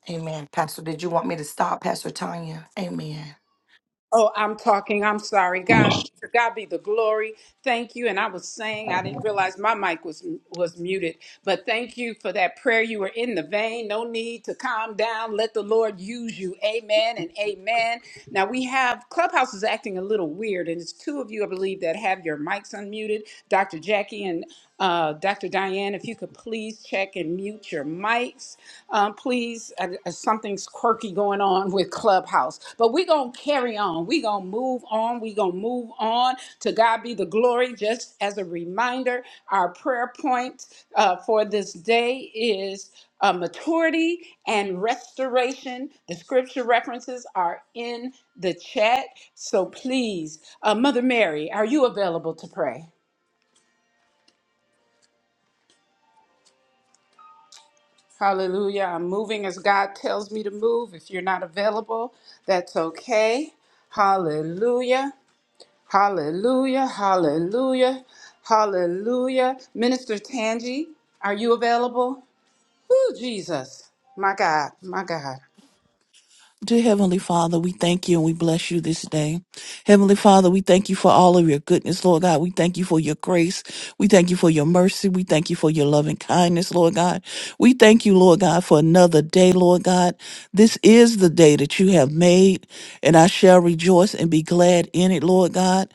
Amen. Pastor, did you want me to stop, Pastor Tanya? Amen. Oh, I'm talking. I'm sorry. God, to God be the glory. Thank you. And I was saying, I didn't realize my mic was was muted. But thank you for that prayer. You were in the vein. No need to calm down. Let the Lord use you. Amen and amen. Now we have Clubhouse is acting a little weird, and it's two of you, I believe, that have your mics unmuted. Dr. Jackie and uh, Dr. Diane, if you could please check and mute your mics folks. Um, please, uh, uh, something's quirky going on with Clubhouse, but we're going to carry on. We're going to move on. We're going to move on. To God be the glory. Just as a reminder, our prayer point uh, for this day is uh, maturity and restoration. The scripture references are in the chat. So please, uh, Mother Mary, are you available to pray? Hallelujah. I'm moving as God tells me to move. If you're not available, that's okay. Hallelujah. Hallelujah. Hallelujah. Hallelujah. Minister Tangi, are you available? Woo, Jesus. My God. My God. Dear Heavenly Father, we thank you and we bless you this day. Heavenly Father, we thank you for all of your goodness, Lord God. We thank you for your grace. We thank you for your mercy. We thank you for your loving kindness, Lord God. We thank you, Lord God, for another day, Lord God. This is the day that you have made, and I shall rejoice and be glad in it, Lord God.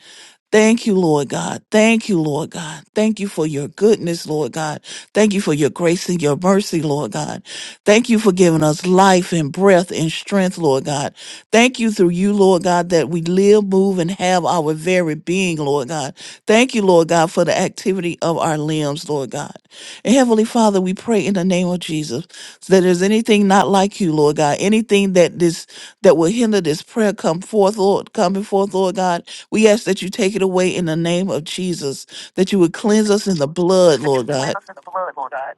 Thank you, Lord God. Thank you, Lord God. Thank you for your goodness, Lord God. Thank you for your grace and your mercy, Lord God. Thank you for giving us life and breath and strength, Lord God. Thank you through you, Lord God, that we live, move, and have our very being, Lord God. Thank you, Lord God, for the activity of our limbs, Lord God. And Heavenly Father, we pray in the name of Jesus that there's anything not like you, Lord God, anything that this that will hinder this prayer come forth, Lord, coming forth, Lord God. We ask that you take it away in the name of Jesus, that you would cleanse name us of in the Jesus, blood, That you Lord cleanse God, us in the blood, Lord God.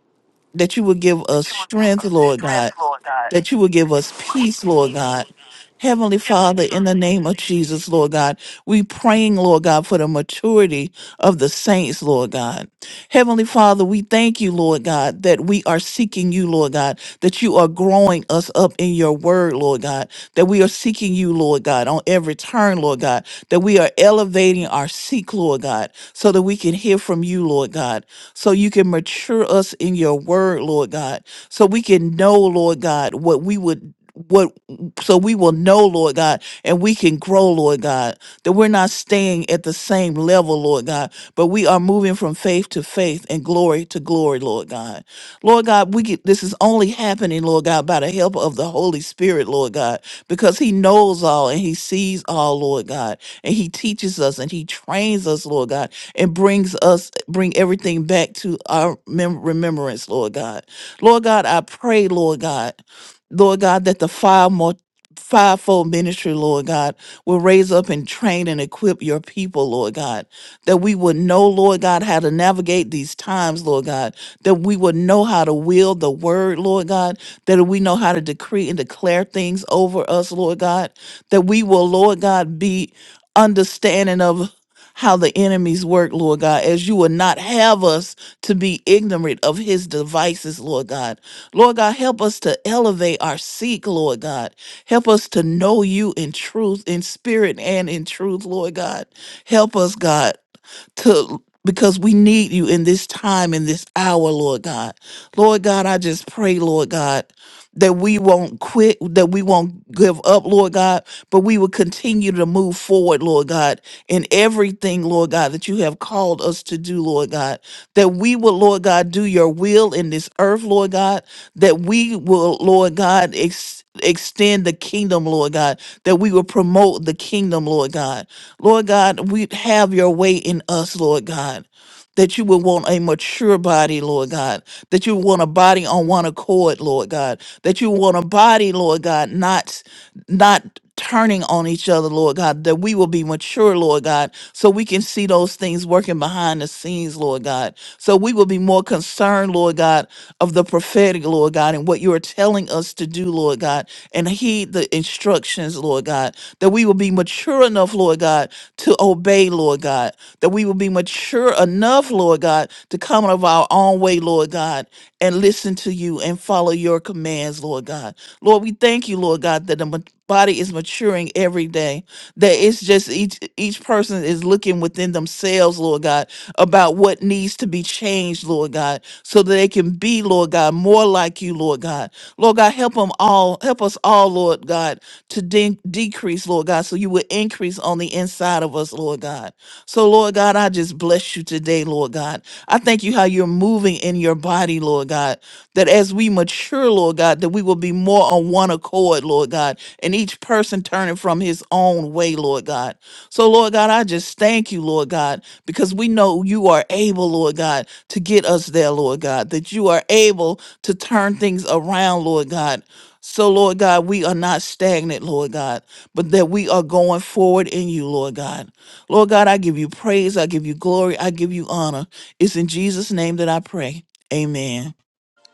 that you would give That us you would give strength, us Lord strength, God Lord God. that you will give That you us would give peace, us Lord peace, God. Lord God. Heavenly Heavenly Father, in the Father, in name the of name of Jesus, Jesus. Lord God, we praying, Lord God, for the maturity of the saints, Lord God. Heavenly Father, we thank you, Lord God, that we are seeking you, Lord God, that you are growing us up in your word, Lord God, that we are seeking you, Lord God, on every turn, Lord God, that we are elevating our seek, Lord God, so that we can hear from you, Lord God, so you can mature us in your word, Lord God, so we can know, Lord God, what we would what so we will know lord god and we can grow lord god that we're not staying at the same level lord god but we are moving from faith to faith and glory to glory lord god lord god we get this is only happening lord god by the help of the holy spirit lord god because he knows all and he sees all lord god and he teaches us and he trains us lord god and brings us bring everything back to our mem- remembrance lord god Lord God, I pray, Lord God, Lord God, that the five more fivefold ministry, Lord God, will raise up and train and equip your people, Lord God. That we would know, Lord God, how to navigate these times, Lord God. That we would know how to wield the word, Lord God. That we know how to decree and declare things over us, Lord God. That we will, Lord God, be understanding of how the enemies work, Lord God, as you would not have us to be ignorant of his devices, Lord God. Lord God, help us to elevate our seek, Lord God. Help us to know you in truth, in spirit, and in truth, Lord God. Help us, God to because we need you in this time, in this hour, Lord God. Lord God, I just pray, Lord God, that we won't quit, that we won't give up, Lord God, but we will continue to move forward, Lord God, in everything, Lord God, that you have called us to do, Lord God that we will, Lord God, do your will in this earth, Lord God, that we will, Lord God, ex- extend the kingdom, Lord God, that we will promote the kingdom, Lord God. Lord God, we have your way in us, Lord God. That you would want a mature body, Lord God. That you want a body on one accord, Lord God. That you want a body, Lord God, not not turning on each other, Lord God, that we will be mature, Lord God, so we can see those things working behind the scenes, Lord God. So we will be more concerned, Lord God, of the prophetic, Lord God, and what you are telling us to do, Lord God, and heed the instructions, Lord God, that we will be mature enough, Lord God, to obey, Lord God, that we will be mature enough, Lord God, to come out of our own way, Lord God, and listen to you and follow your commands, Lord God. Lord, we thank you, Lord God, that the ma- body is maturing every day. That it's just each each person is looking within themselves, Lord God, about what needs to be changed, Lord God, so that they can be, Lord God, more like you, Lord God. Lord God, help them all, help us all, Lord God, to de- decrease, Lord God, so you will increase on the inside of us, Lord God. So, Lord God, I just bless you today, Lord God. I thank you how you're moving in your body, Lord God that as we mature, Lord God, that we will be more on one accord, Lord God, and each person turning from his own way, Lord God. So, Lord God, I just thank you, Lord God, because we know you are able, Lord God, to get us there, Lord God, that you are able to turn things around, Lord God. So, Lord God, we are not stagnant, Lord God, but that we are going forward in you, Lord God. Lord God, I give you praise, I give you glory, I give you honor. It's in Jesus' name that I pray. Amen.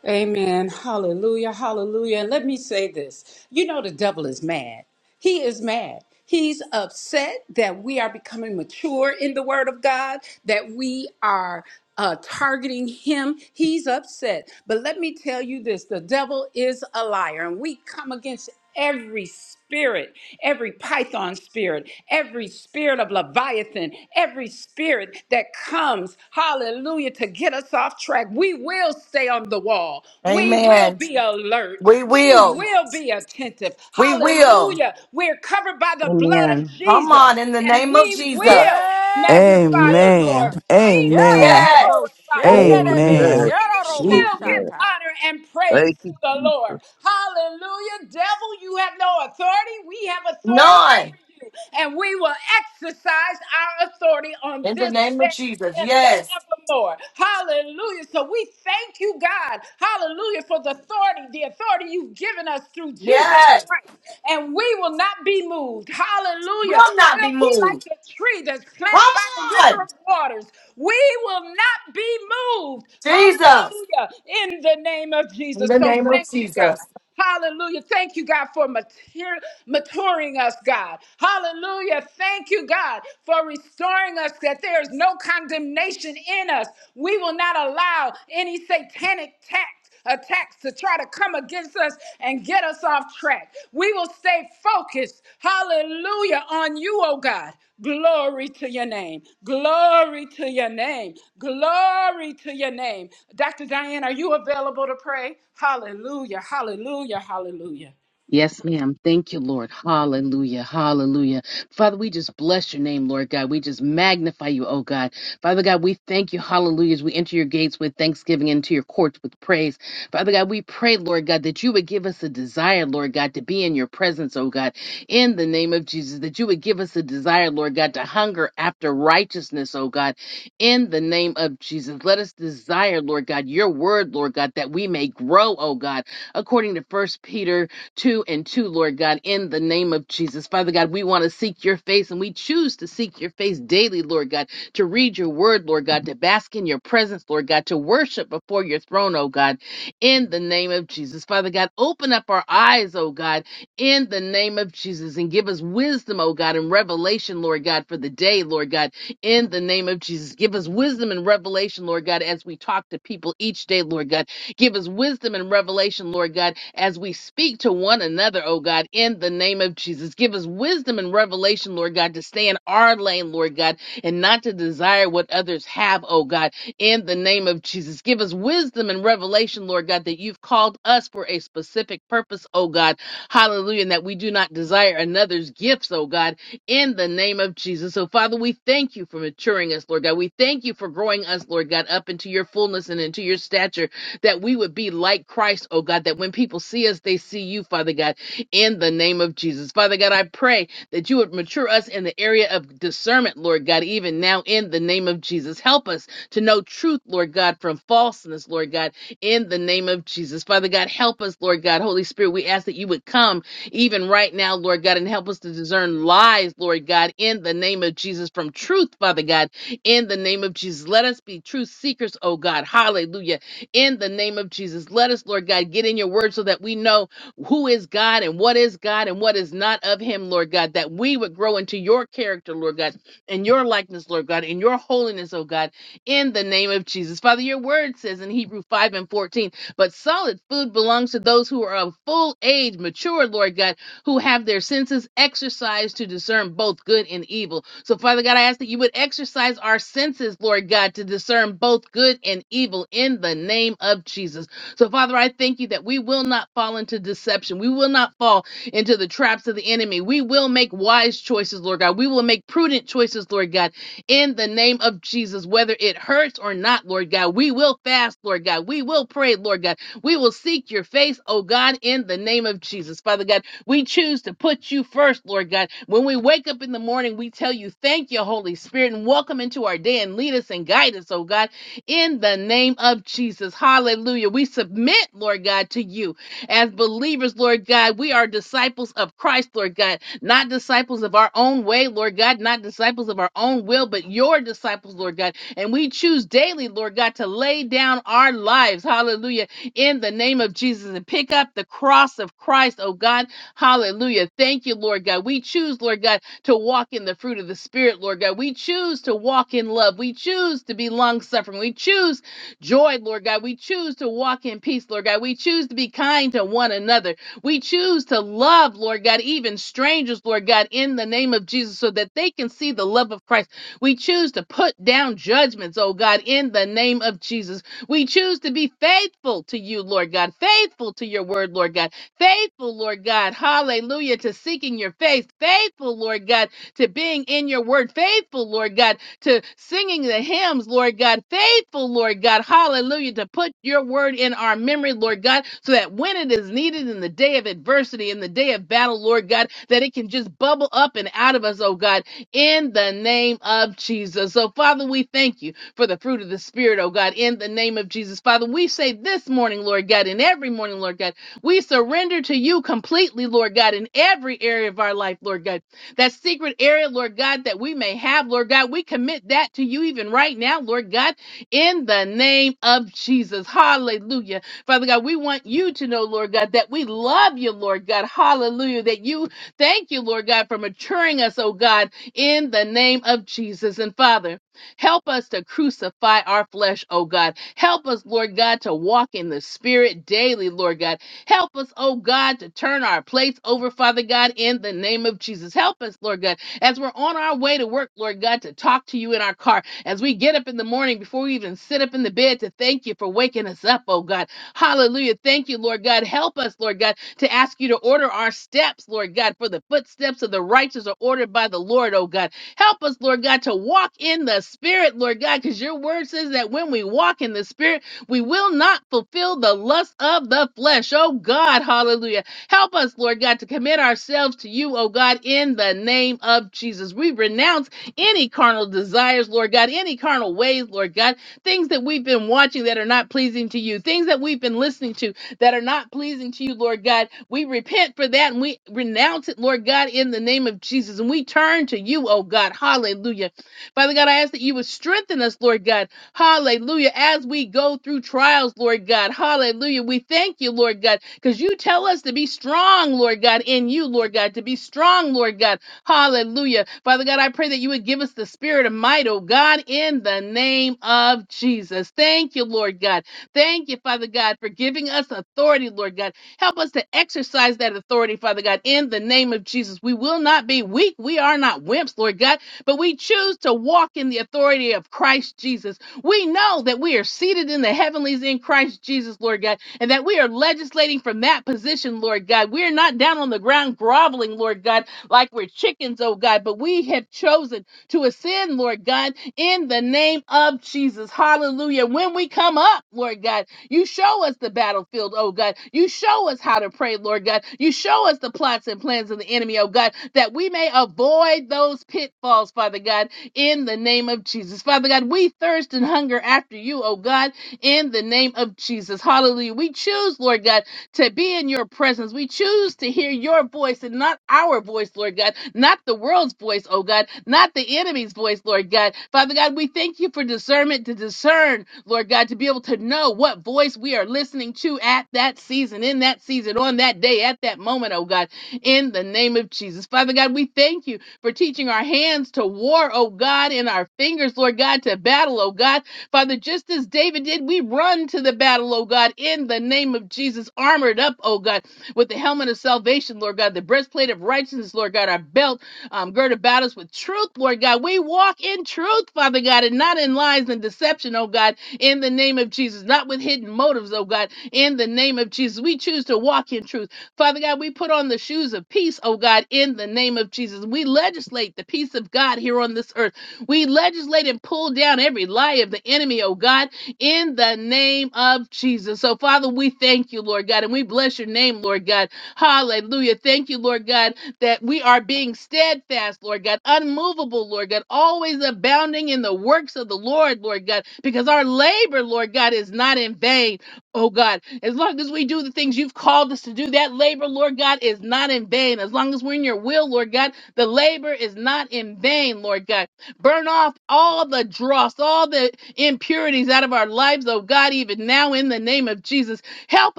Amen. Hallelujah. Hallelujah. And let me say this you know, the devil is mad. He is mad. He's upset that we are becoming mature in the word of God, that we are. Uh, targeting him, he's upset. But let me tell you this the devil is a liar, and we come against every spirit, every python spirit, every spirit of Leviathan, every spirit that comes, hallelujah, to get us off track. We will stay on the wall. We will Amen. be alert. We We will. will be attentive. We will. Hallelujah. We're covered by the Amen. blood of Come on, Jesus, in the and name of we Jesus. will Yes, magnify the Amen. Lord. Jesus. We Quiero will Amen. robo glorify the Lord shende baby. Amen. Amen. we Quiero robo will give Amen. shanta. honor and praise Thank to you, the Jesus. Lord. Hallelujah. Devil, you have no authority. We have authority None. over you. And we will exercise our authority on In the this name of day Jesus. and Yes. forevermore. Hallelujah. So we thank you, God. Hallelujah for the authority, the authority you've given us through Jesus Yes. Christ. And we will not not be moved. Hallelujah. Will not be We'll be like moved. the tree that's planted Come by the river on. of waters. We will not be moved. Jesus. Hallelujah. In the name of In Jesus. the So name of thank you, God. Jesus. Hallelujah. Thank you, God, for mater- maturing us, God. Hallelujah. Thank you, God, for restoring us that there is no condemnation in us. We will not allow any satanic tax attacks to try to come against us and get us off track. We will stay focused, hallelujah, on you, oh God. Glory to your name. Glory to your name. Glory to your name. Dr. Diane, are you available to pray? Hallelujah, hallelujah, hallelujah. Yes, ma'am. Thank you, Lord. Hallelujah. Hallelujah. Father, we just bless your name, Lord God. We just magnify you, oh God. Father God, we thank you. Hallelujah. As we enter your gates with thanksgiving, into your courts with praise. Father God, we pray, Lord God, that you would give us a desire, Lord God, to be in your presence, oh God, in the name of Jesus, that you would give us a desire, Lord God, to hunger after righteousness, oh God, in the name of Jesus. Let us desire, Lord God, your word, Lord God, that we may grow, oh God, according to First Peter two and two, Lord God, in the name of Jesus. Father God, we want to seek your face and we choose to seek your face daily, Lord God, to read your word, Lord God, to bask in your presence, Lord God, to worship before your throne, oh God, in the name of Jesus. Father God, open up our eyes, oh God, in the name of Jesus and give us wisdom, oh God, and revelation, Lord God, for the day, Lord God, in the name of Jesus. Give us wisdom and revelation, Lord God, as we talk to people each day, Lord God Give us wisdom and revelation, Lord God, as we speak to one another, oh God, in the name of Jesus. Give us wisdom and revelation, Lord God, to stay in our lane, Lord God, and not to desire what others have, oh God, in the name of Jesus. Give us wisdom and revelation, Lord God, that you've called us for a specific purpose, oh God. Hallelujah. And that we do not desire another's gifts, oh God, in the name of Jesus. So, Father, we thank you for maturing us, Lord God. We thank you for growing us, Lord God, up into your fullness and into your stature that we would be like Christ, oh God, that when people see us, they see you, Father God, in the name of Jesus. Father God, I pray that you would mature us in the area of discernment, Lord God, even now in the name of Jesus. Help us to know truth, Lord God, from falseness, Lord God, in the name of Jesus. Father God, help us, Lord God. Holy Spirit, we ask that you would come even right now, Lord God, and help us to discern lies, Lord God, in the name of Jesus, from truth, Father God, in the name of Jesus. Let us be truth seekers, oh God. Hallelujah in the name of Jesus. Let us, Lord God, get in your word so that we know who is God and what is God and what is not of him, Lord God, that we would grow into your character, Lord God, and your likeness, Lord God, and your holiness, oh God, in the name of Jesus. Father, your word says in Hebrew 5 and 14, but solid food belongs to those who are of full age, mature, Lord God who have their senses exercised to discern both good and evil. So, Father God, I ask that you would exercise our senses, Lord God, to discern both good and evil in the name of Jesus. So, Father, I thank you that we will not fall into deception. We will not fall into the traps of the enemy. We will make wise choices, Lord God. We will make prudent choices, Lord God, in the name of Jesus, whether it hurts or not, Lord God. We will fast, Lord God. We will pray, Lord God. We will seek your face, oh God, in the name of Jesus. Father God, we choose to put you first, Lord God. When we wake up in the morning, we tell you, Thank you, Holy Spirit, and welcome into our day and lead us and guide us, oh God, in the name of Jesus. Hallelujah. We submit, Lord God, to you as believers, Lord God. We are disciples of Christ, Lord God, not disciples of our own way, Lord God, not disciples of our own will, but your disciples, Lord God. And we choose daily, Lord God, to lay down our lives, hallelujah, in the name of Jesus and pick up the cross of Christ, oh God Hallelujah. Thank you, Lord God. We choose, Lord God, to walk in the fruit of the Spirit, Lord God. We choose to walk in love. We choose to be long suffering. We choose joy, Lord God. We choose to walk in peace, Lord God. We choose to be kind to one another. We choose to love, Lord God, even strangers, Lord God, in the name of Jesus, so that they can see the love of Christ. We choose to put down judgments, oh God, in the name of Jesus. We choose to be faithful to you, Lord God, faithful to your word, Lord God Faithful, Lord God. Hallelujah. To seeking your face. Faithful, Lord God, to being in your word. Faithful, Lord God, to singing the hymns, Lord God. Faithful, Lord God. Hallelujah. To put your word in our memory, Lord God, so that when it is needed in the day of adversity, in the day of battle, Lord God, that it can just bubble up and out of us, oh God, in the name of Jesus. So, Father, we thank you for the fruit of the Spirit, oh God, in the name of Jesus. Father, we say this morning, Lord God, and every morning, Lord God. We surrender to you completely, Lord God, in every area of our life, Lord God. That secret area, Lord God, that we may have, Lord God, we commit that to you even right now, Lord God, in the name of Jesus. Hallelujah. Father God, we want you to know, Lord God, that we love you, Lord God. Hallelujah. That you thank you, Lord God, for maturing us, oh God, in the name of Jesus. And Father, Help us to crucify our flesh, oh God. Help us, Lord God, to walk in the spirit daily, Lord God. Help us, oh God, to turn our plates over, Father God, in the name of Jesus. Help us, Lord God, as we're on our way to work, Lord God, to talk to you in our car, as we get up in the morning before we even sit up in the bed to thank you for waking us up, oh God. Hallelujah. Thank you, Lord God. Help us, Lord God, to ask you to order our steps, Lord God, for the footsteps of the righteous are ordered by the Lord, oh God. Help us, Lord God, to walk in the Spirit, Lord God, because your word says that when we walk in the Spirit, we will not fulfill the lust of the flesh. Oh God, hallelujah. Help us, Lord God, to commit ourselves to you, oh God, in the name of Jesus. We renounce any carnal desires, Lord God, any carnal ways, Lord God, things that we've been watching that are not pleasing to you, things that we've been listening to that are not pleasing to you, Lord God. We repent for that and we renounce it, Lord God, in the name of Jesus. And we turn to you, oh God. Hallelujah. Father God, I ask that you would strengthen us, Lord God. Hallelujah. As we go through trials, Lord God. Hallelujah. We thank you, Lord God, because you tell us to be strong, Lord God, in you, Lord God, to be strong, Lord God. Hallelujah. Father God, I pray that you would give us the spirit of might, oh God, in the name of Jesus. Thank you, Lord God. Thank you, Father God, for giving us authority, Lord God. Help us to exercise that authority, Father God, in the name of Jesus. We will not be weak. We are not wimps, Lord God, but we choose to walk in the authority of Christ Jesus. We know that we are seated in the heavenlies in Christ Jesus, Lord God, and that we are legislating from that position, Lord God. We are not down on the ground groveling, Lord God, like we're chickens, oh God, but we have chosen to ascend, Lord God, in the name of Jesus. Hallelujah. When we come up, Lord God, you show us the battlefield, oh God. You show us how to pray, Lord God. You show us the plots and plans of the enemy, oh God, that we may avoid those pitfalls, Father God, in the name of Jesus. Father God, we thirst and hunger after you, oh God, in the name of Jesus. Hallelujah. We choose, Lord God, to be in your presence. We choose to hear your voice and not our voice, Lord God, not the world's voice, oh God, not the enemy's voice, Lord God. Father God, we thank you for discernment to discern, Lord God, to be able to know what voice we are listening to at that season, in that season, on that day, at that moment, oh God, in the name of Jesus. Father God, we thank you for teaching our hands to war, oh God, and our fingers, Lord God, to battle, oh God. Father, just as David did, we run to the battle, oh God, in the name of Jesus, armored up, oh God, with the helmet of salvation, Lord God, the breastplate of righteousness, Lord God, our belt um, gird about us with truth, Lord God. We walk in truth, Father God, and not in lies and deception, oh God, in the name of Jesus, not with hidden motives, oh God, in the name of Jesus. We choose to walk in truth. Father God, we put on the shoes of peace, oh God, in the name of Jesus. We legislate the peace of God here on this earth. We legislate and pull down every lie of the enemy, oh God, in the name of Jesus. So, Father, we thank you, Lord God, and we bless your name, Lord God. Hallelujah. Thank you, Lord God, that we are being steadfast, Lord God, unmovable, Lord God, always abounding in the works of the Lord, Lord God, because our labor, Lord God, is not in vain. Oh God, as long as we do the things you've called us to do, that labor, Lord God, is not in vain. As long as we're in your will, Lord God, the labor is not in vain, Lord God. Burn off all the dross, all the impurities out of our lives, oh God, even now in the name of Jesus. Help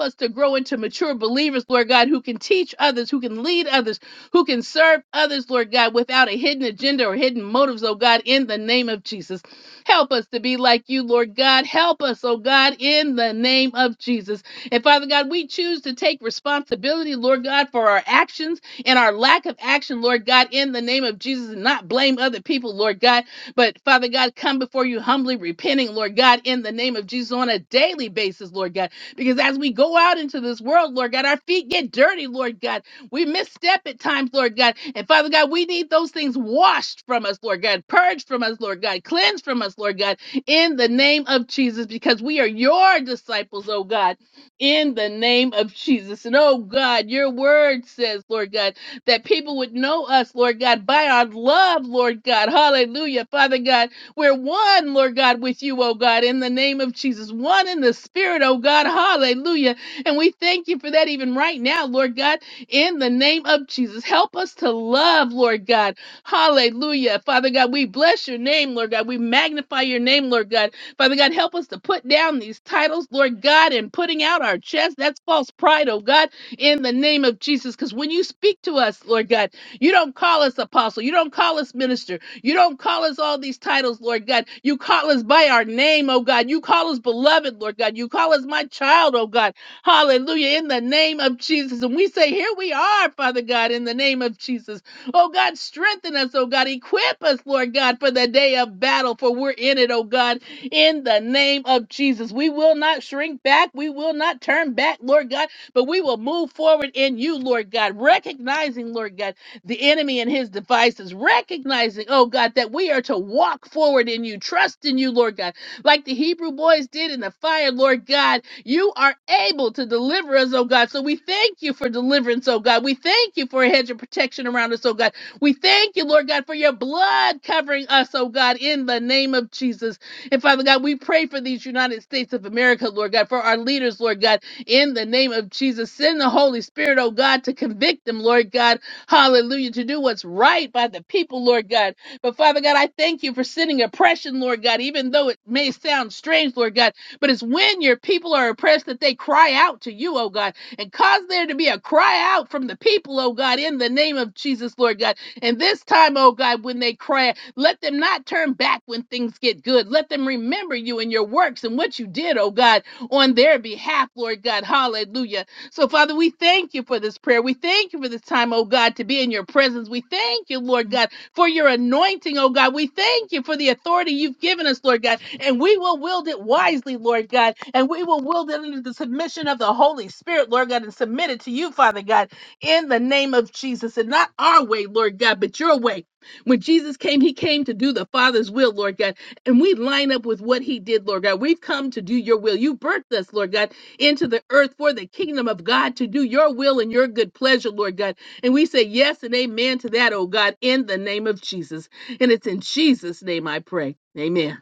us to grow into mature believers, Lord God, who can teach others, who can lead others, who can serve others, Lord God, without a hidden agenda or hidden motives, oh God, in the name of Jesus. Help us to be like you, Lord God. Help us, oh God, in the name of Jesus. And Father God, we choose to take responsibility, Lord God, for our actions and our lack of action, Lord God, in the name of Jesus, and not blame other people, Lord God. But Father God, come before you humbly repenting, Lord God, in the name of Jesus on a daily basis, Lord God. Because as we go out into this world, Lord God, our feet get dirty, Lord God we misstep at times, Lord God. And Father God, we need those things washed from us, Lord God, purged from us, Lord God, cleansed from us, Lord God, in the name of Jesus, because we are your disciples, oh God, in the name of Jesus. And oh God, your word says, Lord God, that people would know us, Lord God, by our love, Lord God. Hallelujah. Father God, we're one, Lord God, with you, oh God, in the name of Jesus. One in the spirit, oh God. Hallelujah. And we thank you for that even right now, Lord God in the name of Jesus. Help us to love, Lord God. Hallelujah. Father God, we bless your name, Lord God. We magnify your name, Lord God. Father God, help us to put down these titles, Lord God, and putting out our chest. That's false pride, oh God, in the name of Jesus. Because when you speak to us, Lord God, you don't call us apostle. You don't call us minister. You don't call us all these titles, Lord God. You call us by our name, oh God. You call us beloved, Lord God. You call us my child, oh God. Hallelujah. In the name of Jesus. And we say, Here we are, Father God, in the name of Jesus. Oh God, strengthen us, oh God. Equip us, Lord God, for the day of battle, for we're in it, oh God, in the name of Jesus. We will not shrink back. We will not turn back, Lord God, but we will move forward in you, Lord God, recognizing, Lord God, the enemy and his devices, recognizing, oh God, that we are to walk forward in you, trust in you, Lord God, like the Hebrew boys did in the fire, Lord God you are able to deliver us, oh God. So we thank you for deliverance, oh God. We thank you for a hedge of protection around us, oh God. We thank you, Lord God, for your blood covering us, oh God, in the name of Jesus. And Father God, we pray for these United States of America, Lord God, for our leaders, Lord God, in the name of Jesus. Send the Holy Spirit, oh God, to convict them, Lord God. Hallelujah. To do what's right by the people, Lord God. But Father God, I thank you for sending oppression, Lord God, even though it may sound strange, Lord God. But it's when your people are oppressed that they cry out to you, oh God, and cause there to be a cry out from the people, oh God, in the name of Jesus, Lord God. And this time, oh God, when they cry, let them not turn back when things get good. Let them remember you and your works and what you did, oh God, on their behalf, Lord God. Hallelujah. So, Father, we thank you for this prayer. We thank you for this time, oh God, to be in your presence. We thank you, Lord God for your anointing, oh God. We thank you for the authority you've given us, Lord God, and we will wield it wisely, Lord God, and we will wield it under the submission of the Holy Spirit, Lord God, and submit it to you, Father God, in the name of Jesus, and not our way, Lord God, but your way. When Jesus came, he came to do the Father's will, Lord God, and we line up with what he did, Lord God. We've come to do your will. You birthed us, Lord God, into the earth for the kingdom of God to do your will and your good pleasure, Lord God. And we say yes and amen to that, oh God, in the name of Jesus. And it's in Jesus' name I pray. Amen.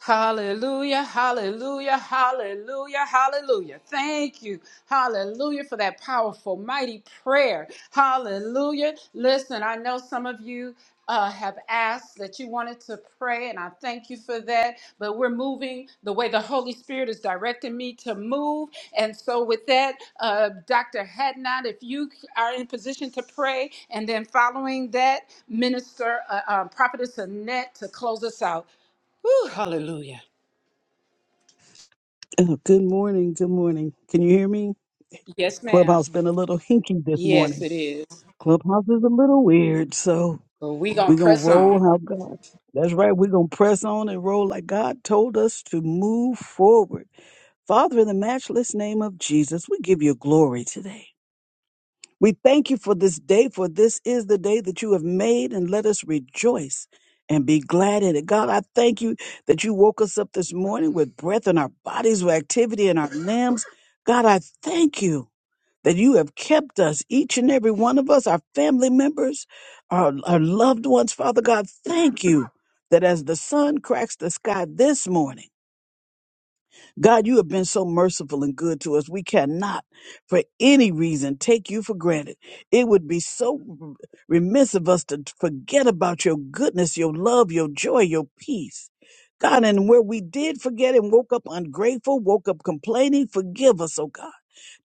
Hallelujah, hallelujah, hallelujah, hallelujah. Thank you, hallelujah, for that powerful, mighty prayer. Hallelujah. Listen, I know some of you. Uh, have asked that you wanted to pray, and I thank you for that. But we're moving the way the Holy Spirit is directing me to move. And so, with that, uh, Dr. Hadnot, if you are in position to pray, and then following that, Minister uh, uh, Prophetess Annette to close us out. Whew, hallelujah. [clears throat] Oh, good morning. Good morning. Can you hear me? Yes, ma'am. Clubhouse been a little hinky this Yes, morning. it is. Clubhouse is a little weird, so But we gonna we're gonna press on. roll how God. That's right. We're gonna press on and roll like God told us to move forward. Father, in the matchless name of Jesus, we give you glory today. We thank you for this day, for this is the day that you have made, and let us rejoice and be glad in it. God, I thank you that you woke us up this morning with breath in our bodies, with activity in our limbs. God, I thank you that you have kept us, each and every one of us, our family members, our, our loved ones. Father God, thank you that as the sun cracks the sky this morning, God, you have been so merciful and good to us. We cannot, for any reason, take you for granted. It would be so remiss of us to forget about your goodness, your love, your joy, your peace. God, and where we did forget and woke up ungrateful, woke up complaining, forgive us, oh God.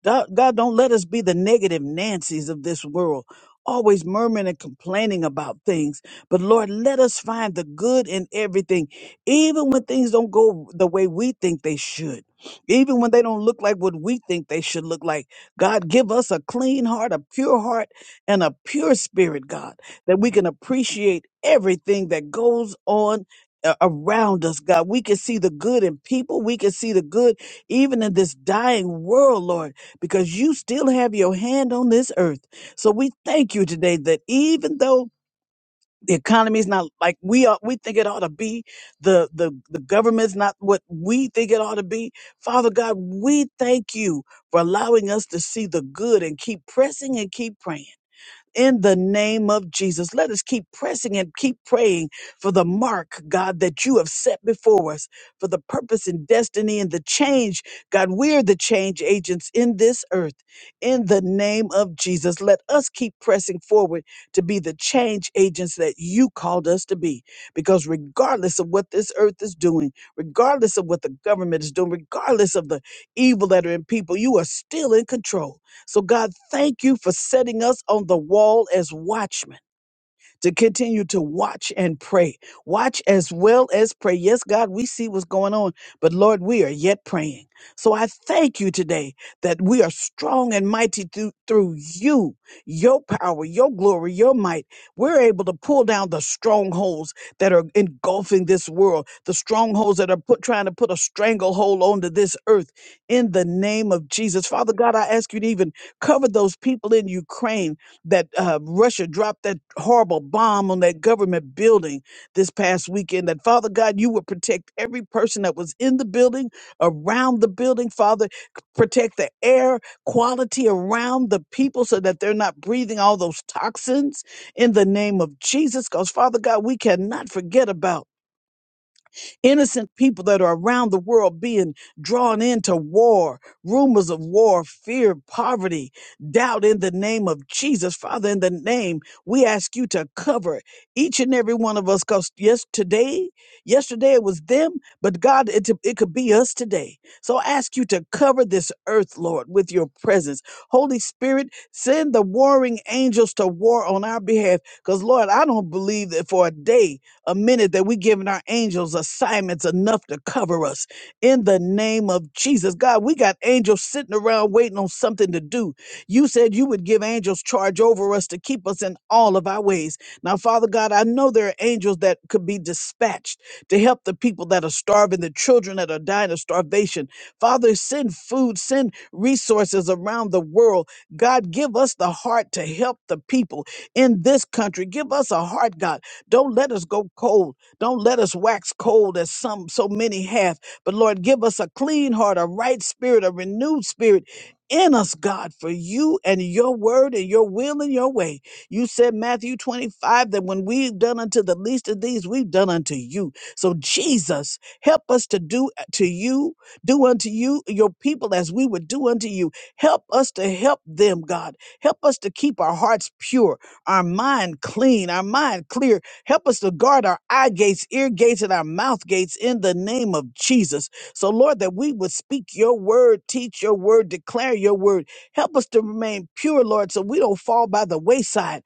God, God, don't let us be the negative Nancy's of this world, always murmuring and complaining about things. But Lord, let us find the good in everything, even when things don't go the way we think they should, even when they don't look like what we think they should look like. God, give us a clean heart, a pure heart, and a pure spirit, God, that we can appreciate everything that goes on. a- Around us, God, we can see the good in people. We can see the good even in this dying world, Lord because you still have your hand on this earth. So we thank you today that even though the economy is not like we are, we think it ought to be. The, the, the government's not what we think it ought to be. Father God, we thank you for allowing us to see the good and keep pressing and keep praying in the name of Jesus. Let us keep pressing and keep praying for the mark, God, that you have set before us for the purpose and destiny and the change. God, we're the change agents in this earth. In the name of Jesus, let us keep pressing forward to be the change agents that you called us to be. Because regardless of what this earth is doing, regardless of what the government is doing, regardless of the evil that are in people, you are still in control so, God, thank you for setting us on the wall as watchmen to continue to watch and pray. Watch as well as pray. Yes, God, we see what's going on, but Lord, we are yet praying. So I thank you today that we are strong and mighty through, through you, your power, your glory, your might. We're able to pull down the strongholds that are engulfing this world, the strongholds that are put, trying to put a stranglehold onto this earth in the name of Jesus. Father God, I ask you to even cover those people in Ukraine that uh, Russia dropped that horrible bomb on that government building this past weekend. That Father God, you would protect every person that was in the building, around the building. Father, c- protect the air quality around the people so that they're not breathing all those toxins in the name of Jesus. Because Father God, we cannot forget about. Innocent people that are around the world being drawn into war, rumors of war, fear, poverty, doubt in the name of Jesus. Father, in the name, we ask you to cover each and every one of us because yes, today, yesterday it was them, but God, it, it could be us today. So I ask you to cover this earth, Lord, with your presence. Holy Spirit, send the warring angels to war on our behalf. Because, Lord, I don't believe that for a day a minute that we giving our angels assignments enough to cover us in the name of Jesus. God, we got angels sitting around waiting on something to do. You said you would give angels charge over us to keep us in all of our ways. Now, Father God, I know there are angels that could be dispatched to help the people that are starving, the children that are dying of starvation. Father, send food, send resources around the world. God, give us the heart to help the people in this country. Give us a heart, God don't let us go cold. Don't let us wax cold as some so many have. But Lord, give us a clean heart, a right spirit, a renewed spirit in us, God, for you and your word and your will and your way. You said Matthew 25 that when we've done unto the least of these, we've done unto you. So Jesus, help us to do to you, do unto you, your people as we would do unto you. Help us to help them, God. Help us to keep our hearts pure, our mind clean, our mind clear, Help us to guard our eye gates, ear gates, and our mouth gates in the name of Jesus. So, Lord, that we would speak your word, teach your word, declare your word. Help us to remain pure, Lord, so we don't fall by the wayside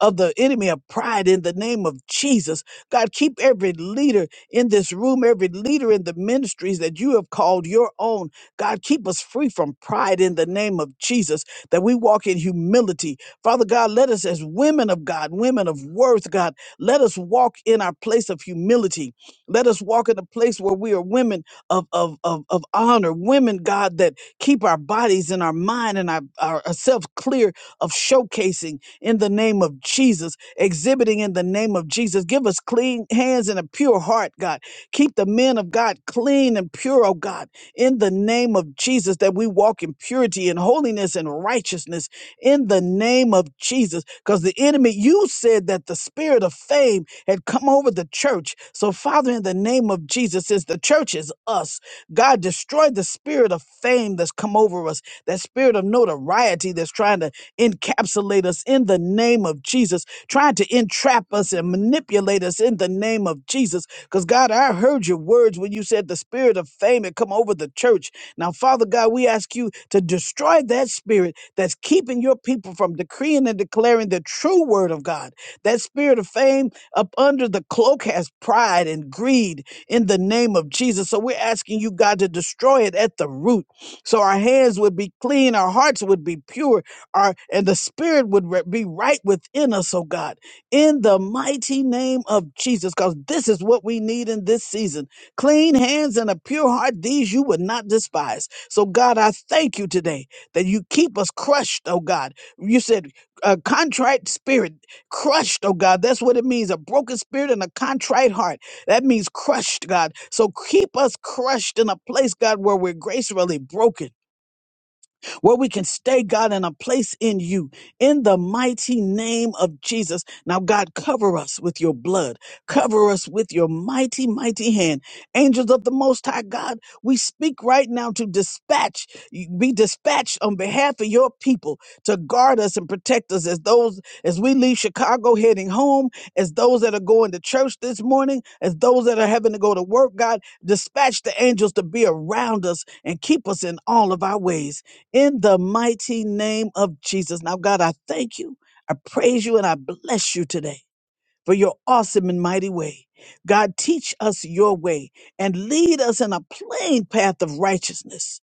of the enemy of pride in the name of Jesus. God, keep every leader in this room, every leader in the ministries that you have called your own. God, keep us free from pride in the name of Jesus, that we walk in humility. Father God, let us as women of God, women of worth, God, let us walk in our place of humility. Let us walk in a place where we are women of, of, of, of honor, women, God, that keep our bodies and our mind and our, our ourselves clear of showcasing in the name of Jesus, exhibiting in the name of Jesus. Give us clean hands and a pure heart, God. Keep the men of God clean and pure, oh God, in the name of Jesus, that we walk in purity and holiness and righteousness in the name of Jesus. Because the enemy, you said that the spirit of fame had come over the church. So, Father, in the name of Jesus, since the church is us, God, destroy the spirit of fame that's come over us, that spirit of notoriety that's trying to encapsulate us in the name of Jesus, trying to entrap us and manipulate us in the name of Jesus. Because, God, I heard your words when you said the spirit of fame had come over the church. Now, Father God, we ask you to destroy that spirit that's keeping your people from decreeing and declaring the true word of God. That spirit of fame up under the cloak has pride and greed in the name of Jesus. So we're asking you, God, to destroy it at the root. So our hands would be clean, our hearts would be pure, our and the spirit would re- be right within us, oh God, in the mighty name of Jesus, because this is what we need in this season. Clean hands and a pure heart, these you would not despise. So God, I thank you today that you keep us crushed, oh God. You said a contrite spirit, crushed, oh God. That's what it means a broken spirit and a contrite heart. That means crushed, God. So keep us crushed in a place, God, where we're gracefully broken where we can stay, God, in a place in you, in the mighty name of Jesus. Now, God, cover us with your blood, cover us with your mighty, mighty hand. Angels of the Most High God, we speak right now to dispatch, be dispatched on behalf of your people to guard us and protect us as those, as we leave Chicago heading home, as those that are going to church this morning, as those that are having to go to work, God, dispatch the angels to be around us and keep us in all of our ways in the mighty name of Jesus. Now, God, I thank you. I praise you and I bless you today for your awesome and mighty way. God, teach us your way and lead us in a plain path of righteousness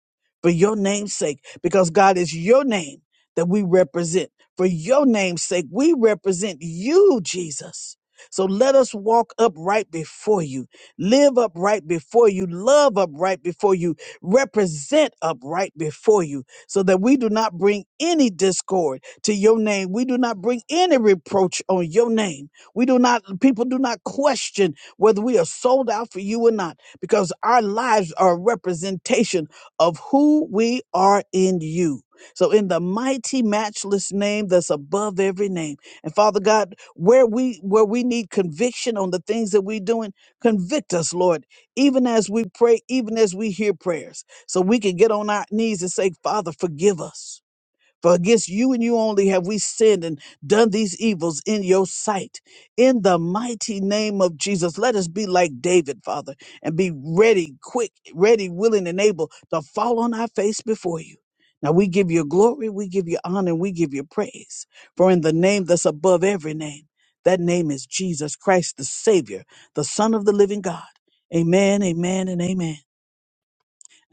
for your name's sake, because God is your name that we represent. For your name's sake, we represent you, Jesus. So let us walk upright before you, live upright before you, love upright before you, represent upright before you, so that we do not bring any discord to your name. We do not bring any reproach on your name we do not, people do not question whether we are sold out for you or not, because our lives are a representation of who we are in you. So, in the mighty, matchless name that's above every name, and Father God, where we where we need conviction on the things that we're doing, convict us, Lord, even as we pray, even as we hear prayers, so we can get on our knees and say, Father, forgive us. For against you and you only have we sinned and done these evils in your sight. In the mighty name of Jesus, let us be like David, Father, and be ready, quick, ready, willing, and able to fall on our face before you. Now we give you glory, we give you honor, and we give you praise. For in the name that's above every name, that name is Jesus Christ, the Savior, the Son of the living God. Amen, amen, and amen.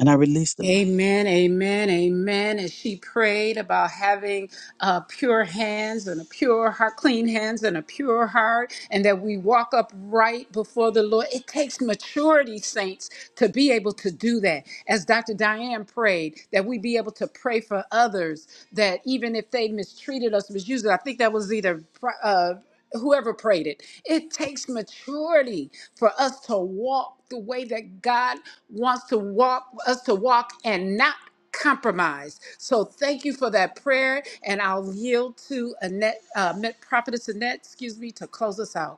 And I release the mic. Amen, amen, amen. And she prayed about having uh, pure hands and a pure heart, clean hands and a pure heart, and that we walk upright before the Lord. It takes maturity, saints, to be able to do that. As Dr. Diane prayed, that we be able to pray for others, that even if they mistreated us, misused us, I think that was either. uh, whoever prayed it. It takes maturity for us to walk the way that God wants to walk us to walk and not compromise. So thank you for that prayer, and I'll yield to Annette, uh, Met- Prophetess Annette, excuse me, to close us out.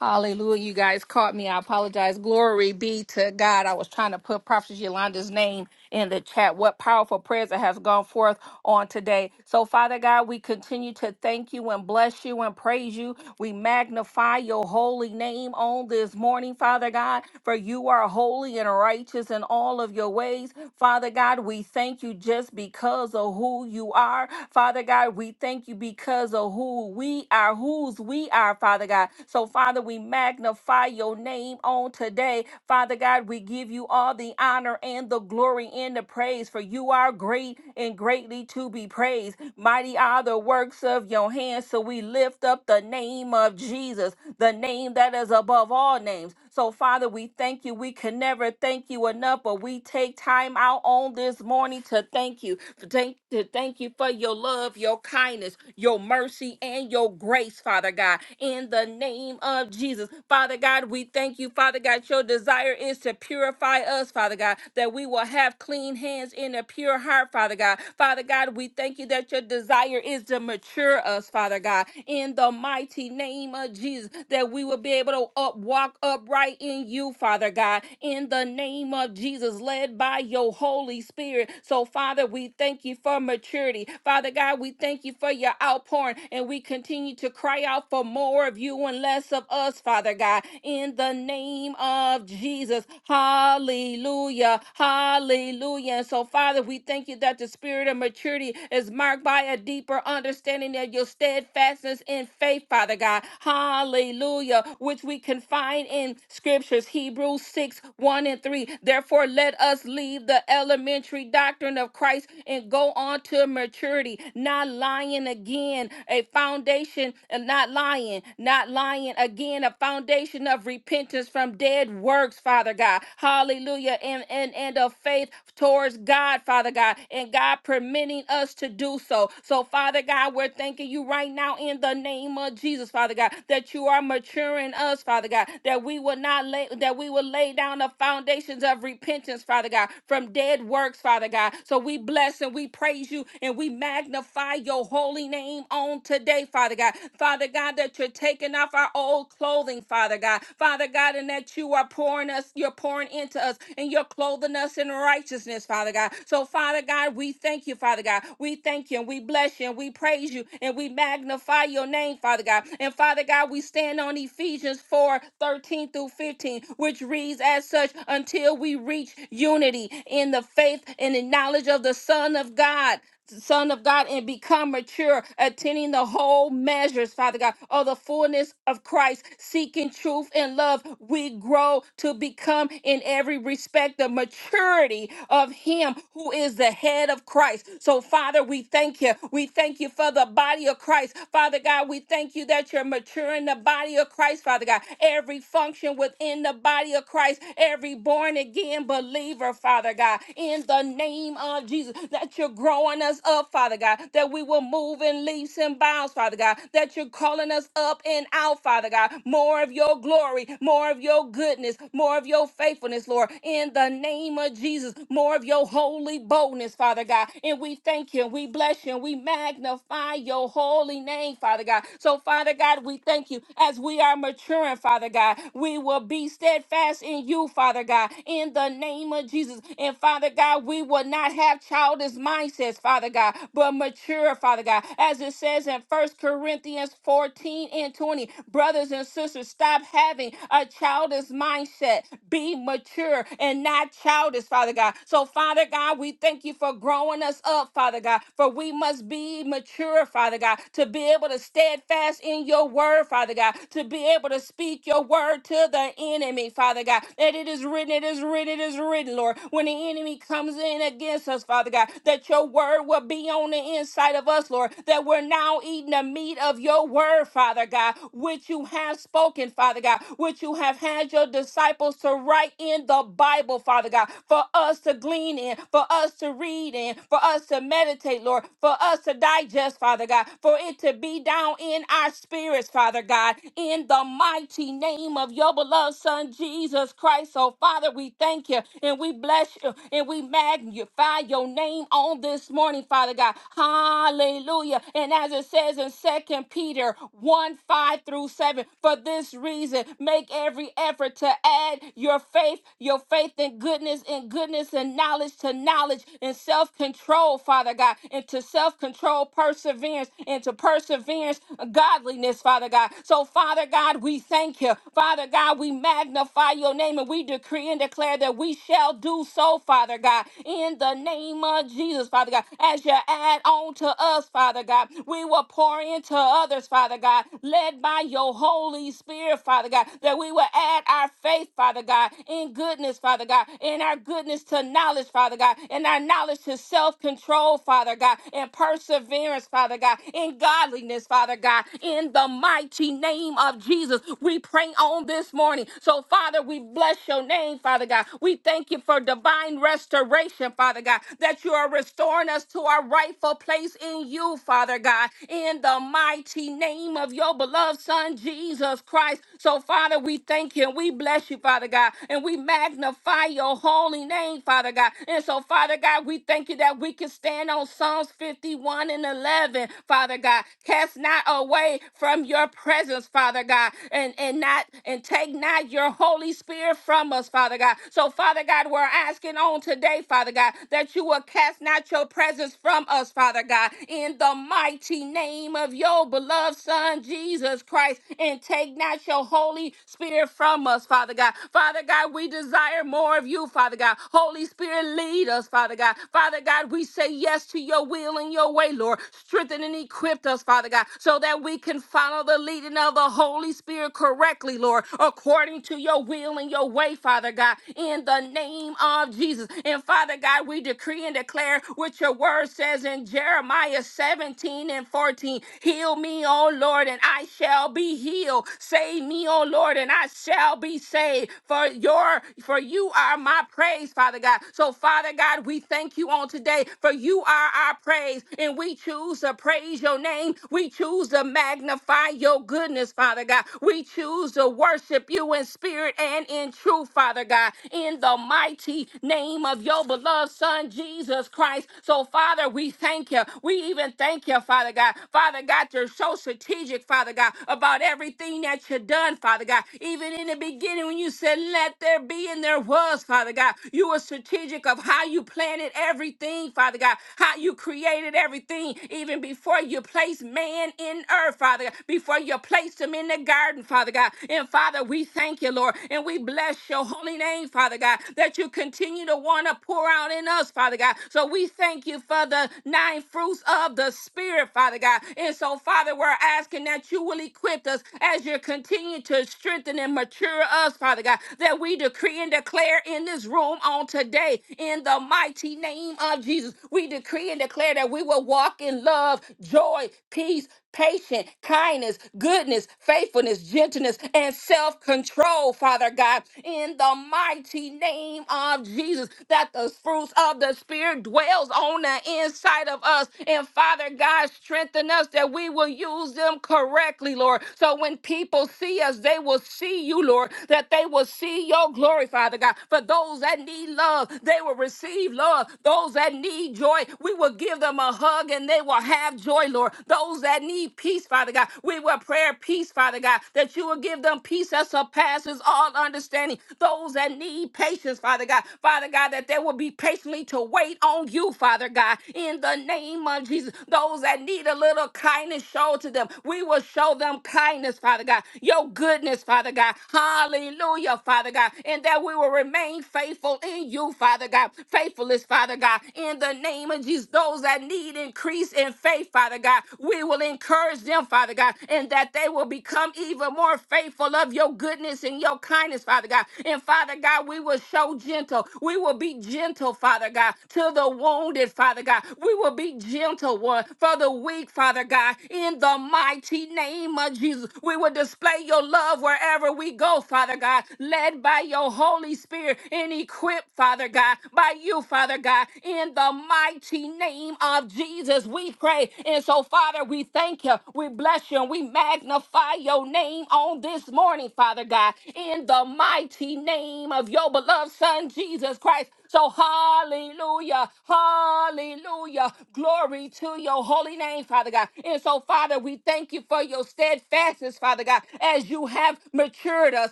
Hallelujah. You guys caught me. I apologize. Glory be to God. I was trying to put Prophet Yolanda's name in the chat. What powerful prayers that has gone forth on today. So, Father God, we continue to thank you and bless you and praise you. We magnify your holy name on this morning, Father God, for you are holy and righteous in all of your ways. Father God, we thank you just because of who you are. Father God, we thank you because of who we are, whose we are, Father God. So, Father, we magnify your name on today. Father God, we give you all the honor and the glory and the praise, for you are great and greatly to be praised. Mighty are the works of your hands. So, we lift up the name of Jesus the name that is above all names. So, Father, we thank you. We can never thank you enough, but we take time out on this morning to thank you. To thank, to thank you for your love, your kindness, your mercy, and your grace, Father God. In the name of Jesus, Father God, we thank you, Father God. Your desire is to purify us, Father God, that we will have clean hands and a pure heart, Father God. Father God, we thank you that your desire is to mature us, Father God. In the mighty name of Jesus. Jesus, that we will be able to up, walk upright in you, Father God, in the name of Jesus, led by your Holy Spirit. So, Father, we thank you for maturity. Father God, we thank you for your outpouring, and we continue to cry out for more of you and less of us, Father God, in the name of Jesus. Hallelujah. Hallelujah. And so, Father, we thank you that the spirit of maturity is marked by a deeper understanding of your steadfastness in faith, Father God. Hallelujah. Which we can find in scriptures, Hebrews 6 1 and 3. Therefore, let us leave the elementary doctrine of Christ and go on to maturity, not lying again, a foundation, and not lying, not lying again, a foundation of repentance from dead works, Father God. Hallelujah. And, and, and of faith towards God, Father God, and God permitting us to do so. So, Father God, we're thanking you right now in the name of Jesus, Father God. God, that you are maturing us, Father God, that we will not lay that we will lay down the foundations of repentance, Father God, from dead works, Father God. So we bless and we praise you and we magnify your holy name on today, Father God. Father God, that you're taking off our old clothing, Father God. Father God, and that you are pouring us, you're pouring into us, and you're clothing us in righteousness, Father God. So, Father God, we thank you, Father God. We thank you and we bless you and we praise you and we magnify your name, Father God. And and Father God, we stand on Ephesians 4 13 through 15, which reads as such until we reach unity in the faith and the knowledge of the Son of God. Son of God and become mature, attending the whole measures, Father God, of the fullness of Christ, seeking truth and love. We grow to become in every respect the maturity of Him who is the head of Christ. So, Father, we thank you. We thank you for the body of Christ. Father God, we thank you you that you're maturing the body of Christ, Father God. Every function within the body of Christ, every born again believer, Father God, in the name of Jesus, that you're growing us up, Father God, that we will move in leaps and bounds, Father God, that you're calling us up and out, Father God. More of your glory, more of your goodness, more of your faithfulness, Lord, in the name of Jesus, more of your holy boldness, Father God. And we thank you, and we bless you, and we magnify your holy name, Father God. So so, Father God, we thank you as we are maturing, Father God. We will be steadfast in you, Father God, in the name of Jesus. And Father God, we will not have childish mindsets, Father God, but mature, Father God. As it says in First Corinthians 14 and 20, brothers and sisters, stop having a childish mindset. Be mature and not childish, Father God. So, Father God, we thank you for growing us up, Father God, for we must be mature, Father God, to be able to stand steadfast in your word, Father God, to be able to speak your word to the enemy, Father God. That it is written, it is written, it is written, Lord. When the enemy comes in against us, Father God, that your word will be on the inside of us, Lord. That we're now eating the meat of your word, Father God, which you have spoken, Father God, which you have had your disciples to write in the Bible, Father God, for us to glean in, for us to read in, for us to meditate, Lord, for us to digest, Father God, for it to be down in our spirits, Father God, in the mighty name of your beloved Son, Jesus Christ. So, Father, we thank you and we bless you and we magnify your name on this morning, Father God. Hallelujah. And as it says in Second Peter 1 5 through 7, for this reason, make every effort to add your faith, your faith in goodness, and goodness and knowledge to knowledge, and self control, Father God, and to self control, perseverance, and to perseverance perseverance, godliness, Father God. So, Father God, we thank you. Father God, we magnify your name and we decree and declare that we shall do so, Father God, in the name of Jesus, Father God. As you add on to us, Father God, we will pour into others, Father God, led by your Holy Spirit, Father God, that we will add our faith, Father God, in goodness, Father God, in our goodness to knowledge, Father God, in our knowledge to self control, Father God, and perseverance, Father God, in God godliness, Father God, in the mighty name of Jesus. We pray on this morning. So, Father, we bless your name, Father God. We thank you for divine restoration, Father God, that you are restoring us to our rightful place in you, Father God, in the mighty name of your beloved Son, Jesus Christ. So, Father, we thank you and we bless you, Father God, and we magnify your holy name, Father God. And so, Father God, we thank you that we can stand on Psalms 51 and 11, Father God. God. Cast not away from your presence, Father God, and, and not and take not your Holy Spirit from us, Father God. So, Father God, we're asking on today, Father God, that you will cast not your presence from us, Father God, in the mighty name of your beloved Son, Jesus Christ, and take not your Holy Spirit from us, Father God. Father God, we desire more of you, Father God. Holy Spirit, lead us, Father God. Father God, we say yes to your will and your way, Lord. Strengthen and equip equipped us, Father God, so that we can follow the leading of the Holy Spirit correctly, Lord, according to your will and your way, Father God, in the name of Jesus. And Father God, we decree and declare what your word says in Jeremiah 17 and 14 Heal me, O Lord, and I shall be healed. Save me, O Lord, and I shall be saved. For your for you are my praise, Father God. So, Father God, we thank you on today, for you are our praise, and we choose to praise praise your name. We choose to magnify your goodness, Father God. We choose to worship you in spirit and in truth, Father God, in the mighty name of your beloved Son, Jesus Christ. So, Father, we thank you. We even thank you, Father God. Father God, you're so strategic, Father God, about everything that you've done, Father God. Even in the beginning, when you said, Let there be, and there was, Father God, you were strategic of how you planted everything, Father God, how you created everything, even even before you placed man in earth, Father God, before you placed him in the garden, Father God. And Father, we thank you, Lord, and we bless your holy name, Father God, that you continue to want to pour out in us, Father God. So we thank you for the nine fruits of the Spirit, Father God. And so, Father, we're asking that you will equip us as you continue to strengthen and mature us, Father God, that we decree and declare in this room on today, in the mighty name of Jesus, we decree and declare that we will walk in love love, joy, peace, patience, kindness, goodness, faithfulness, gentleness, and self control, Father God, in the mighty name of Jesus, that the fruits of the Spirit dwells on the inside of us. And Father God, strengthen us that we will use them correctly, Lord. So when people see us, they will see you, Lord, that they will see your glory, Father God. For those that need love, they will receive love. Those that need joy, we will give them a hug and and they will have joy, Lord. Those that need peace, Father God, we will pray peace, Father God, that you will give them peace that surpasses all understanding. Those that need patience, Father God, Father God, that they will be patiently to wait on you, Father God, in the name of Jesus. Those that need a little kindness show to them, we will show them kindness, Father God, your goodness, Father God. Hallelujah, Father God, and that we will remain faithful in you, Father God. Faithful is Father God, in the name of Jesus. Those that need increase in faith, Father God. We will encourage them, Father God, and that they will become even more faithful of your goodness and your kindness, Father God. And Father God, we will show gentle. We will be gentle, Father God, to the wounded, Father God. We will be gentle one for the weak, Father God. In the mighty name of Jesus, we will display your love wherever we go, Father God, led by your Holy Spirit and equipped, Father God, by you, Father God, in the mighty name of of Jesus, we pray. And so, Father, we thank you. We bless you and we magnify your name on this morning, Father God, in the mighty name of your beloved Son, Jesus Christ. So, hallelujah, hallelujah. Glory to your holy name, Father God. And so, Father, we thank you for your steadfastness, Father God, as you have matured us,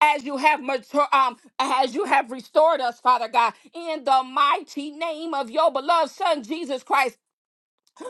as you have mature, um, as you have restored us, Father God, in the mighty name of your beloved Son, Jesus Christ.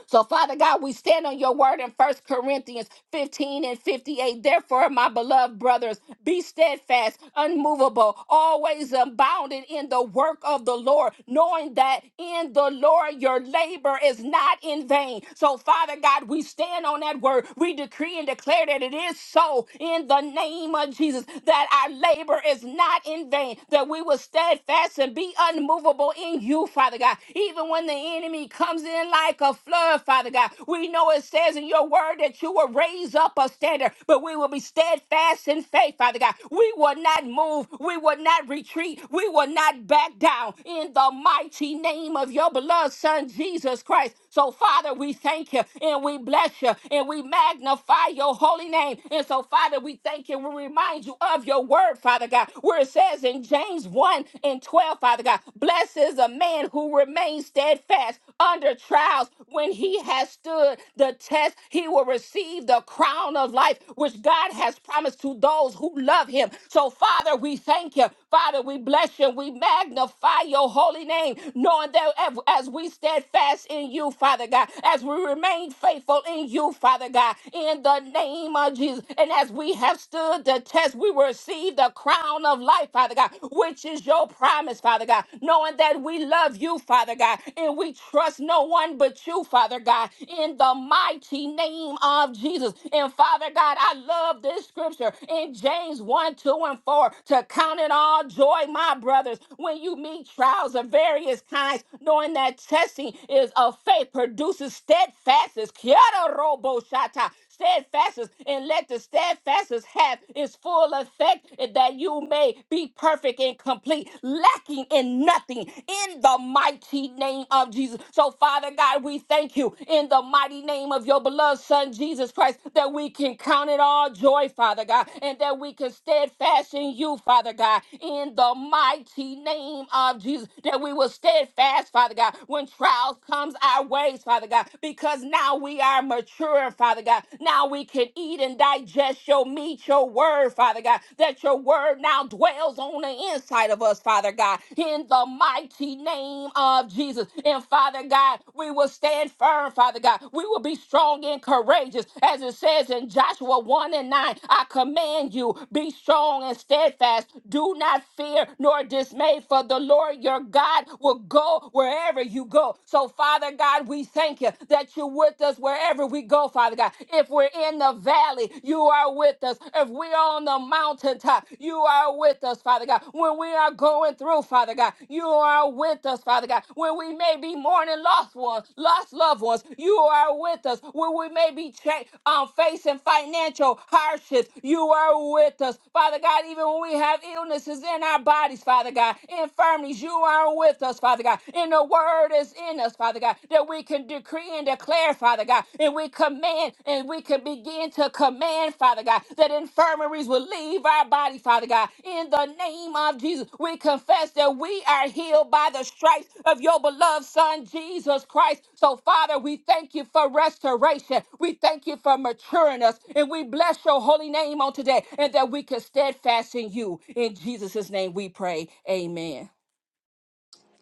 So, Father God, we stand on your word in First Corinthians 15 and 58. Therefore, my beloved brothers, be steadfast, unmovable, always abounding in the work of the Lord, knowing that in the Lord your labor is not in vain. So, Father God, we stand on that word. We decree and declare that it is so in the name of Jesus, that our labor is not in vain, that we will steadfast and be unmovable in you, Father God even when the enemy comes in like a flood, Father God. We know it says in your word that you will raise up a standard, but we will be steadfast in faith, Father God. We will not move, we will not retreat, we will not back down in the mighty name of your beloved Son, Jesus Christ. So, Father, we thank you and we bless you and we magnify your holy name. And so, Father, we thank you. We remind you of your word, Father God, where it says in James 1 and 12 well, Father God. Blessed is a man who remains steadfast under trials. When he has stood the test, he will receive the crown of life, which God has promised to those who love him. So, Father, we thank you. Father, we bless you. We magnify your holy name, knowing that as as we steadfast in you, Father God, as we remain faithful in you, Father God, in the name of Jesus, and as we have stood the test, we receive the crown crown of life, Father God, which is your promise, Father God, knowing that we love you, Father God, and we trust no one but you, Father God, in the mighty name of Jesus. And Father God, I love this scripture in James 1, 2, and 4 to count it all joy, my brothers, when you meet trials of various kinds, knowing that testing is of faith produces steadfastness. Kiara robo shata steadfastness, and let the steadfastness have its full effect that you may be perfect and complete, lacking in nothing in the mighty name of Jesus. So, Father God, we thank you in the mighty name of your beloved Son, Jesus Christ, that we can count it all joy, Father God, and that we can steadfast in you, Father God, in the mighty name of Jesus, that we will steadfast, Father God, when trials comes our ways, Father God, because now now we are mature, Father God. Now we can eat and digest your meat, your word, Father God. That your word now dwells on the inside of us, Father God. In the mighty name of Jesus. And Father God, we will stand firm, Father God. We will be strong and courageous. As it says in Joshua 1 and 9, I command you, be strong and steadfast. Do not fear nor dismay, for the Lord your God will go wherever you go. So, Father, Father God, we thank you that you're with us wherever we go, Father God. If we're in the valley, you are with us. If we're on the mountaintop, you are with us, Father God. When we are going through, Father God, you are with us, Father God. When we may be mourning lost ones, lost loved ones, you are with us. When we may be cha- um, facing financial hardships, you are with us, Father God. Even when we have illnesses in our bodies, Father God, infirmities, you are with us, Father God and the word is in us, Father God, that we can decree and declare, Father God, and we command and we can begin to command, Father God, that infirmaries will leave our body, Father God. In the name of Jesus, we confess that we are healed by the stripes of your beloved Son, Jesus Christ. So, Father, we thank you for restoration. We thank you for maturing us, and we bless your holy name on today, and that we can steadfast in you. In Jesus' name we pray. Amen.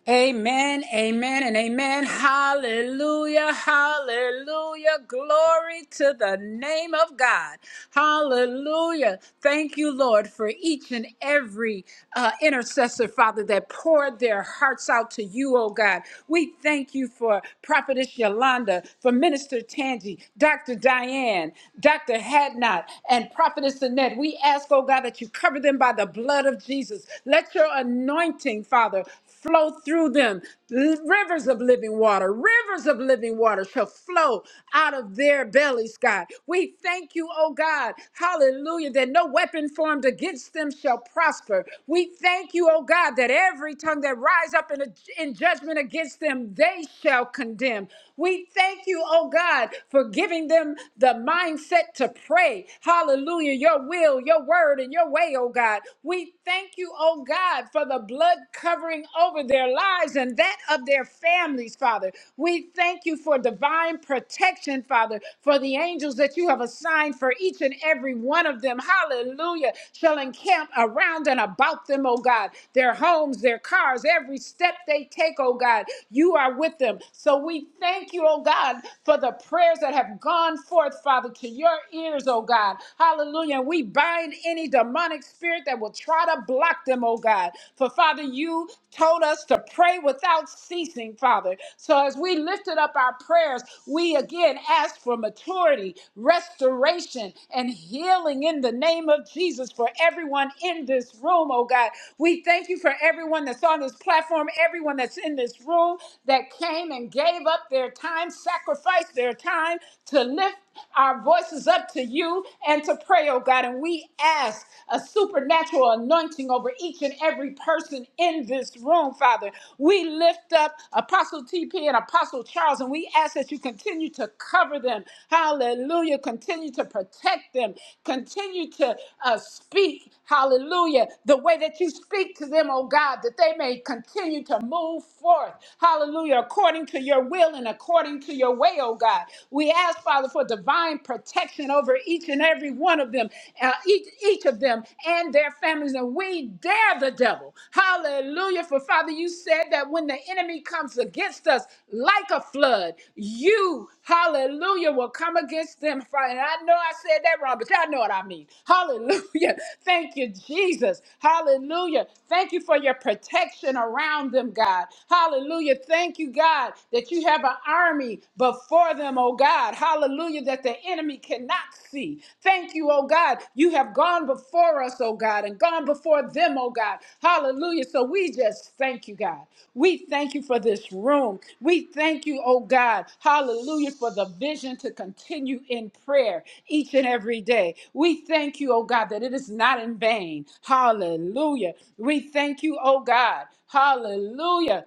Amen, amen, and amen. Hallelujah, hallelujah. Glory to the name of God. Hallelujah. Thank you, Lord, for each and every uh, intercessor, Father, that poured their hearts out to you, oh God. We thank you for Prophetess Yolanda, for Minister Tangi, Dr. Diane, Dr. Hadnot, and Prophetess Annette. We ask, oh God, that you cover them by the blood blood of Jesus. Let your anointing, Father, flow through them. L- Rivers of living water, rivers of living water shall flow out of their bellies, God. We thank you, oh God, hallelujah, that no weapon formed against them shall prosper. We thank you, oh God, that every tongue that rise up in, a, in judgment against them, they shall condemn. We thank you, oh God, for giving them the mindset to pray. Hallelujah. Your will, your word, and your way, oh God. We thank you, oh God, for the blood covering over their lives and that of their families, Father. We thank you for divine protection, Father, for the angels that you have assigned for each and every one of them. Hallelujah. Shall encamp around and about them, oh God. Their homes, their cars, every step they take, oh God. You are with them. So we thank you, oh God, for the the prayers that have gone forth, Father, to your ears, oh God. Hallelujah. And we bind any demonic spirit that will try to block them, oh God. For Father, you told us to pray without ceasing, Father. So as we lifted up our prayers, we again ask for maturity, restoration, and healing in the name of Jesus for everyone in this room, oh God. We thank you for everyone that's on this platform, everyone that's in this room room that came and gave up their time, sacrificed their time to lift our voices up to you and to pray, oh God. And we ask a supernatural anointing over each and every person in this room, Father. We lift up Apostle TP and Apostle Charles, and we ask that you continue to cover them. Hallelujah. Continue to protect them. Continue to uh, speak. Hallelujah. The way that you speak to them, oh God, that they may continue to move forth. Hallelujah. According to your will and according to your way, oh God. We ask, Father, for divine protection over each and every one of them, uh, each, each of them and their families. And we dare the devil. Hallelujah. For Father, you said that when the enemy comes against us like a flood, you, hallelujah, will come against them. Father, And I know I said that said that wrong, but y'all know what I mean. Hallelujah. [laughs] Thank you, Jesus. Hallelujah. Thank you for your protection around them, God. Hallelujah. Thank you, God, that you have an army before them, oh God. Hallelujah, that the enemy cannot see. Thank you, oh God. You have gone before us, oh God, and gone before them, oh God. Hallelujah. So we just thank you, God. We thank you for this room. We thank you, oh God. Hallelujah, for the vision to continue in prayer each and every day. We thank you, oh God, that it is not in vain. Hallelujah. We thank you, oh God. Hallelujah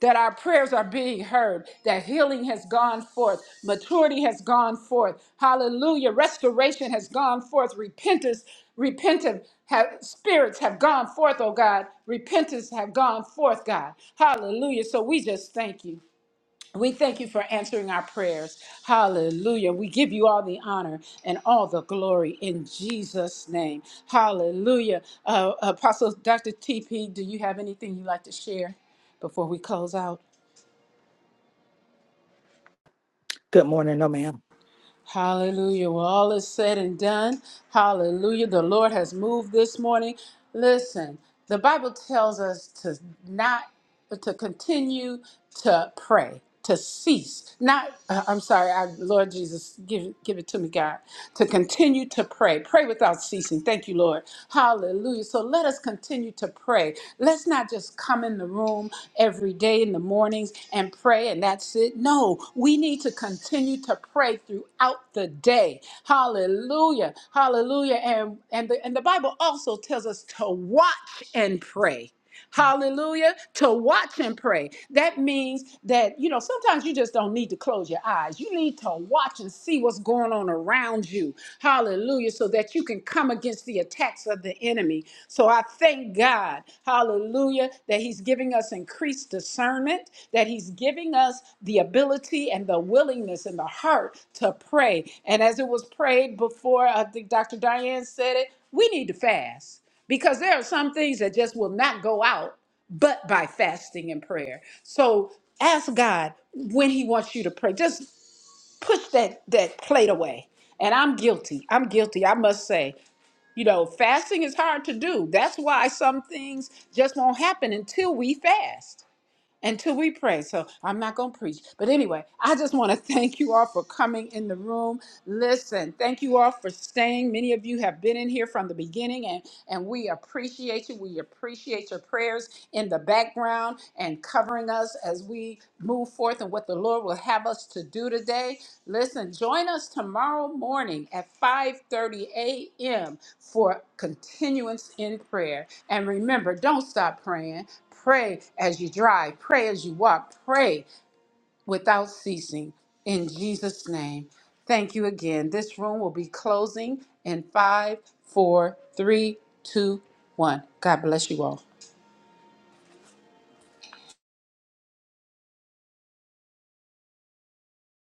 that our prayers are being heard, that healing has gone forth, maturity has gone forth, hallelujah, restoration has gone forth, repentance, repentant have, spirits have gone forth, oh God, repentance have gone forth, God, hallelujah. So we just thank you. We thank you for answering our prayers. Hallelujah. We give you all the honor and all the glory in Jesus' name. Hallelujah. Uh, Apostle Dr. TP, do you have anything you'd like to share before we close out? Good morning, no ma'am. Hallelujah. Well, all is said and done. Hallelujah. The Lord has moved this morning. Listen, the Bible tells us to not, to continue to pray, to cease. Not, uh, I'm sorry, I, Lord Jesus, give, give it to me, God. To continue to pray. Pray without ceasing. Thank you, Lord. Hallelujah. So let us continue to pray. Let's not just come in the room every day in the mornings and pray and that's it. No, we need to continue to pray throughout the day. Hallelujah. Hallelujah. And and the, and the Bible also tells us to watch and pray. Hallelujah. To watch and pray. That means that, you know, sometimes you just don't need to close your eyes. You need to watch and see what's going on around you. Hallelujah. So that you can come against these the attacks of the enemy. So I thank God, hallelujah, that He's giving us increased discernment, that He's giving us the ability and the willingness and the heart to pray. And as it was prayed before, I think Dr. Diane said it, we need to fast because there are some things that just will not go out but by fasting and prayer. So ask God when He wants you to pray. Just push that, that plate away. And I'm guilty. I'm guilty, I must say. You know, fasting is hard to do. That's why some things just won't happen until we fast until we pray. So I'm not going to preach. But anyway, I just want to [laughs] thank you all for coming in the room. Listen, thank you all for staying. Many of you have been in here from the beginning, and, and we appreciate you. We appreciate your prayers in the background and covering us as we move forth and what the Lord will have us to do today. Listen, join us tomorrow morning at 5:30 a.m. for continuance in prayer. And remember, don't stop praying Pray as you drive, pray as you walk, pray without ceasing. In Jesus' name. Thank you again. This room will be closing in five, four, three, two, one. God bless you all.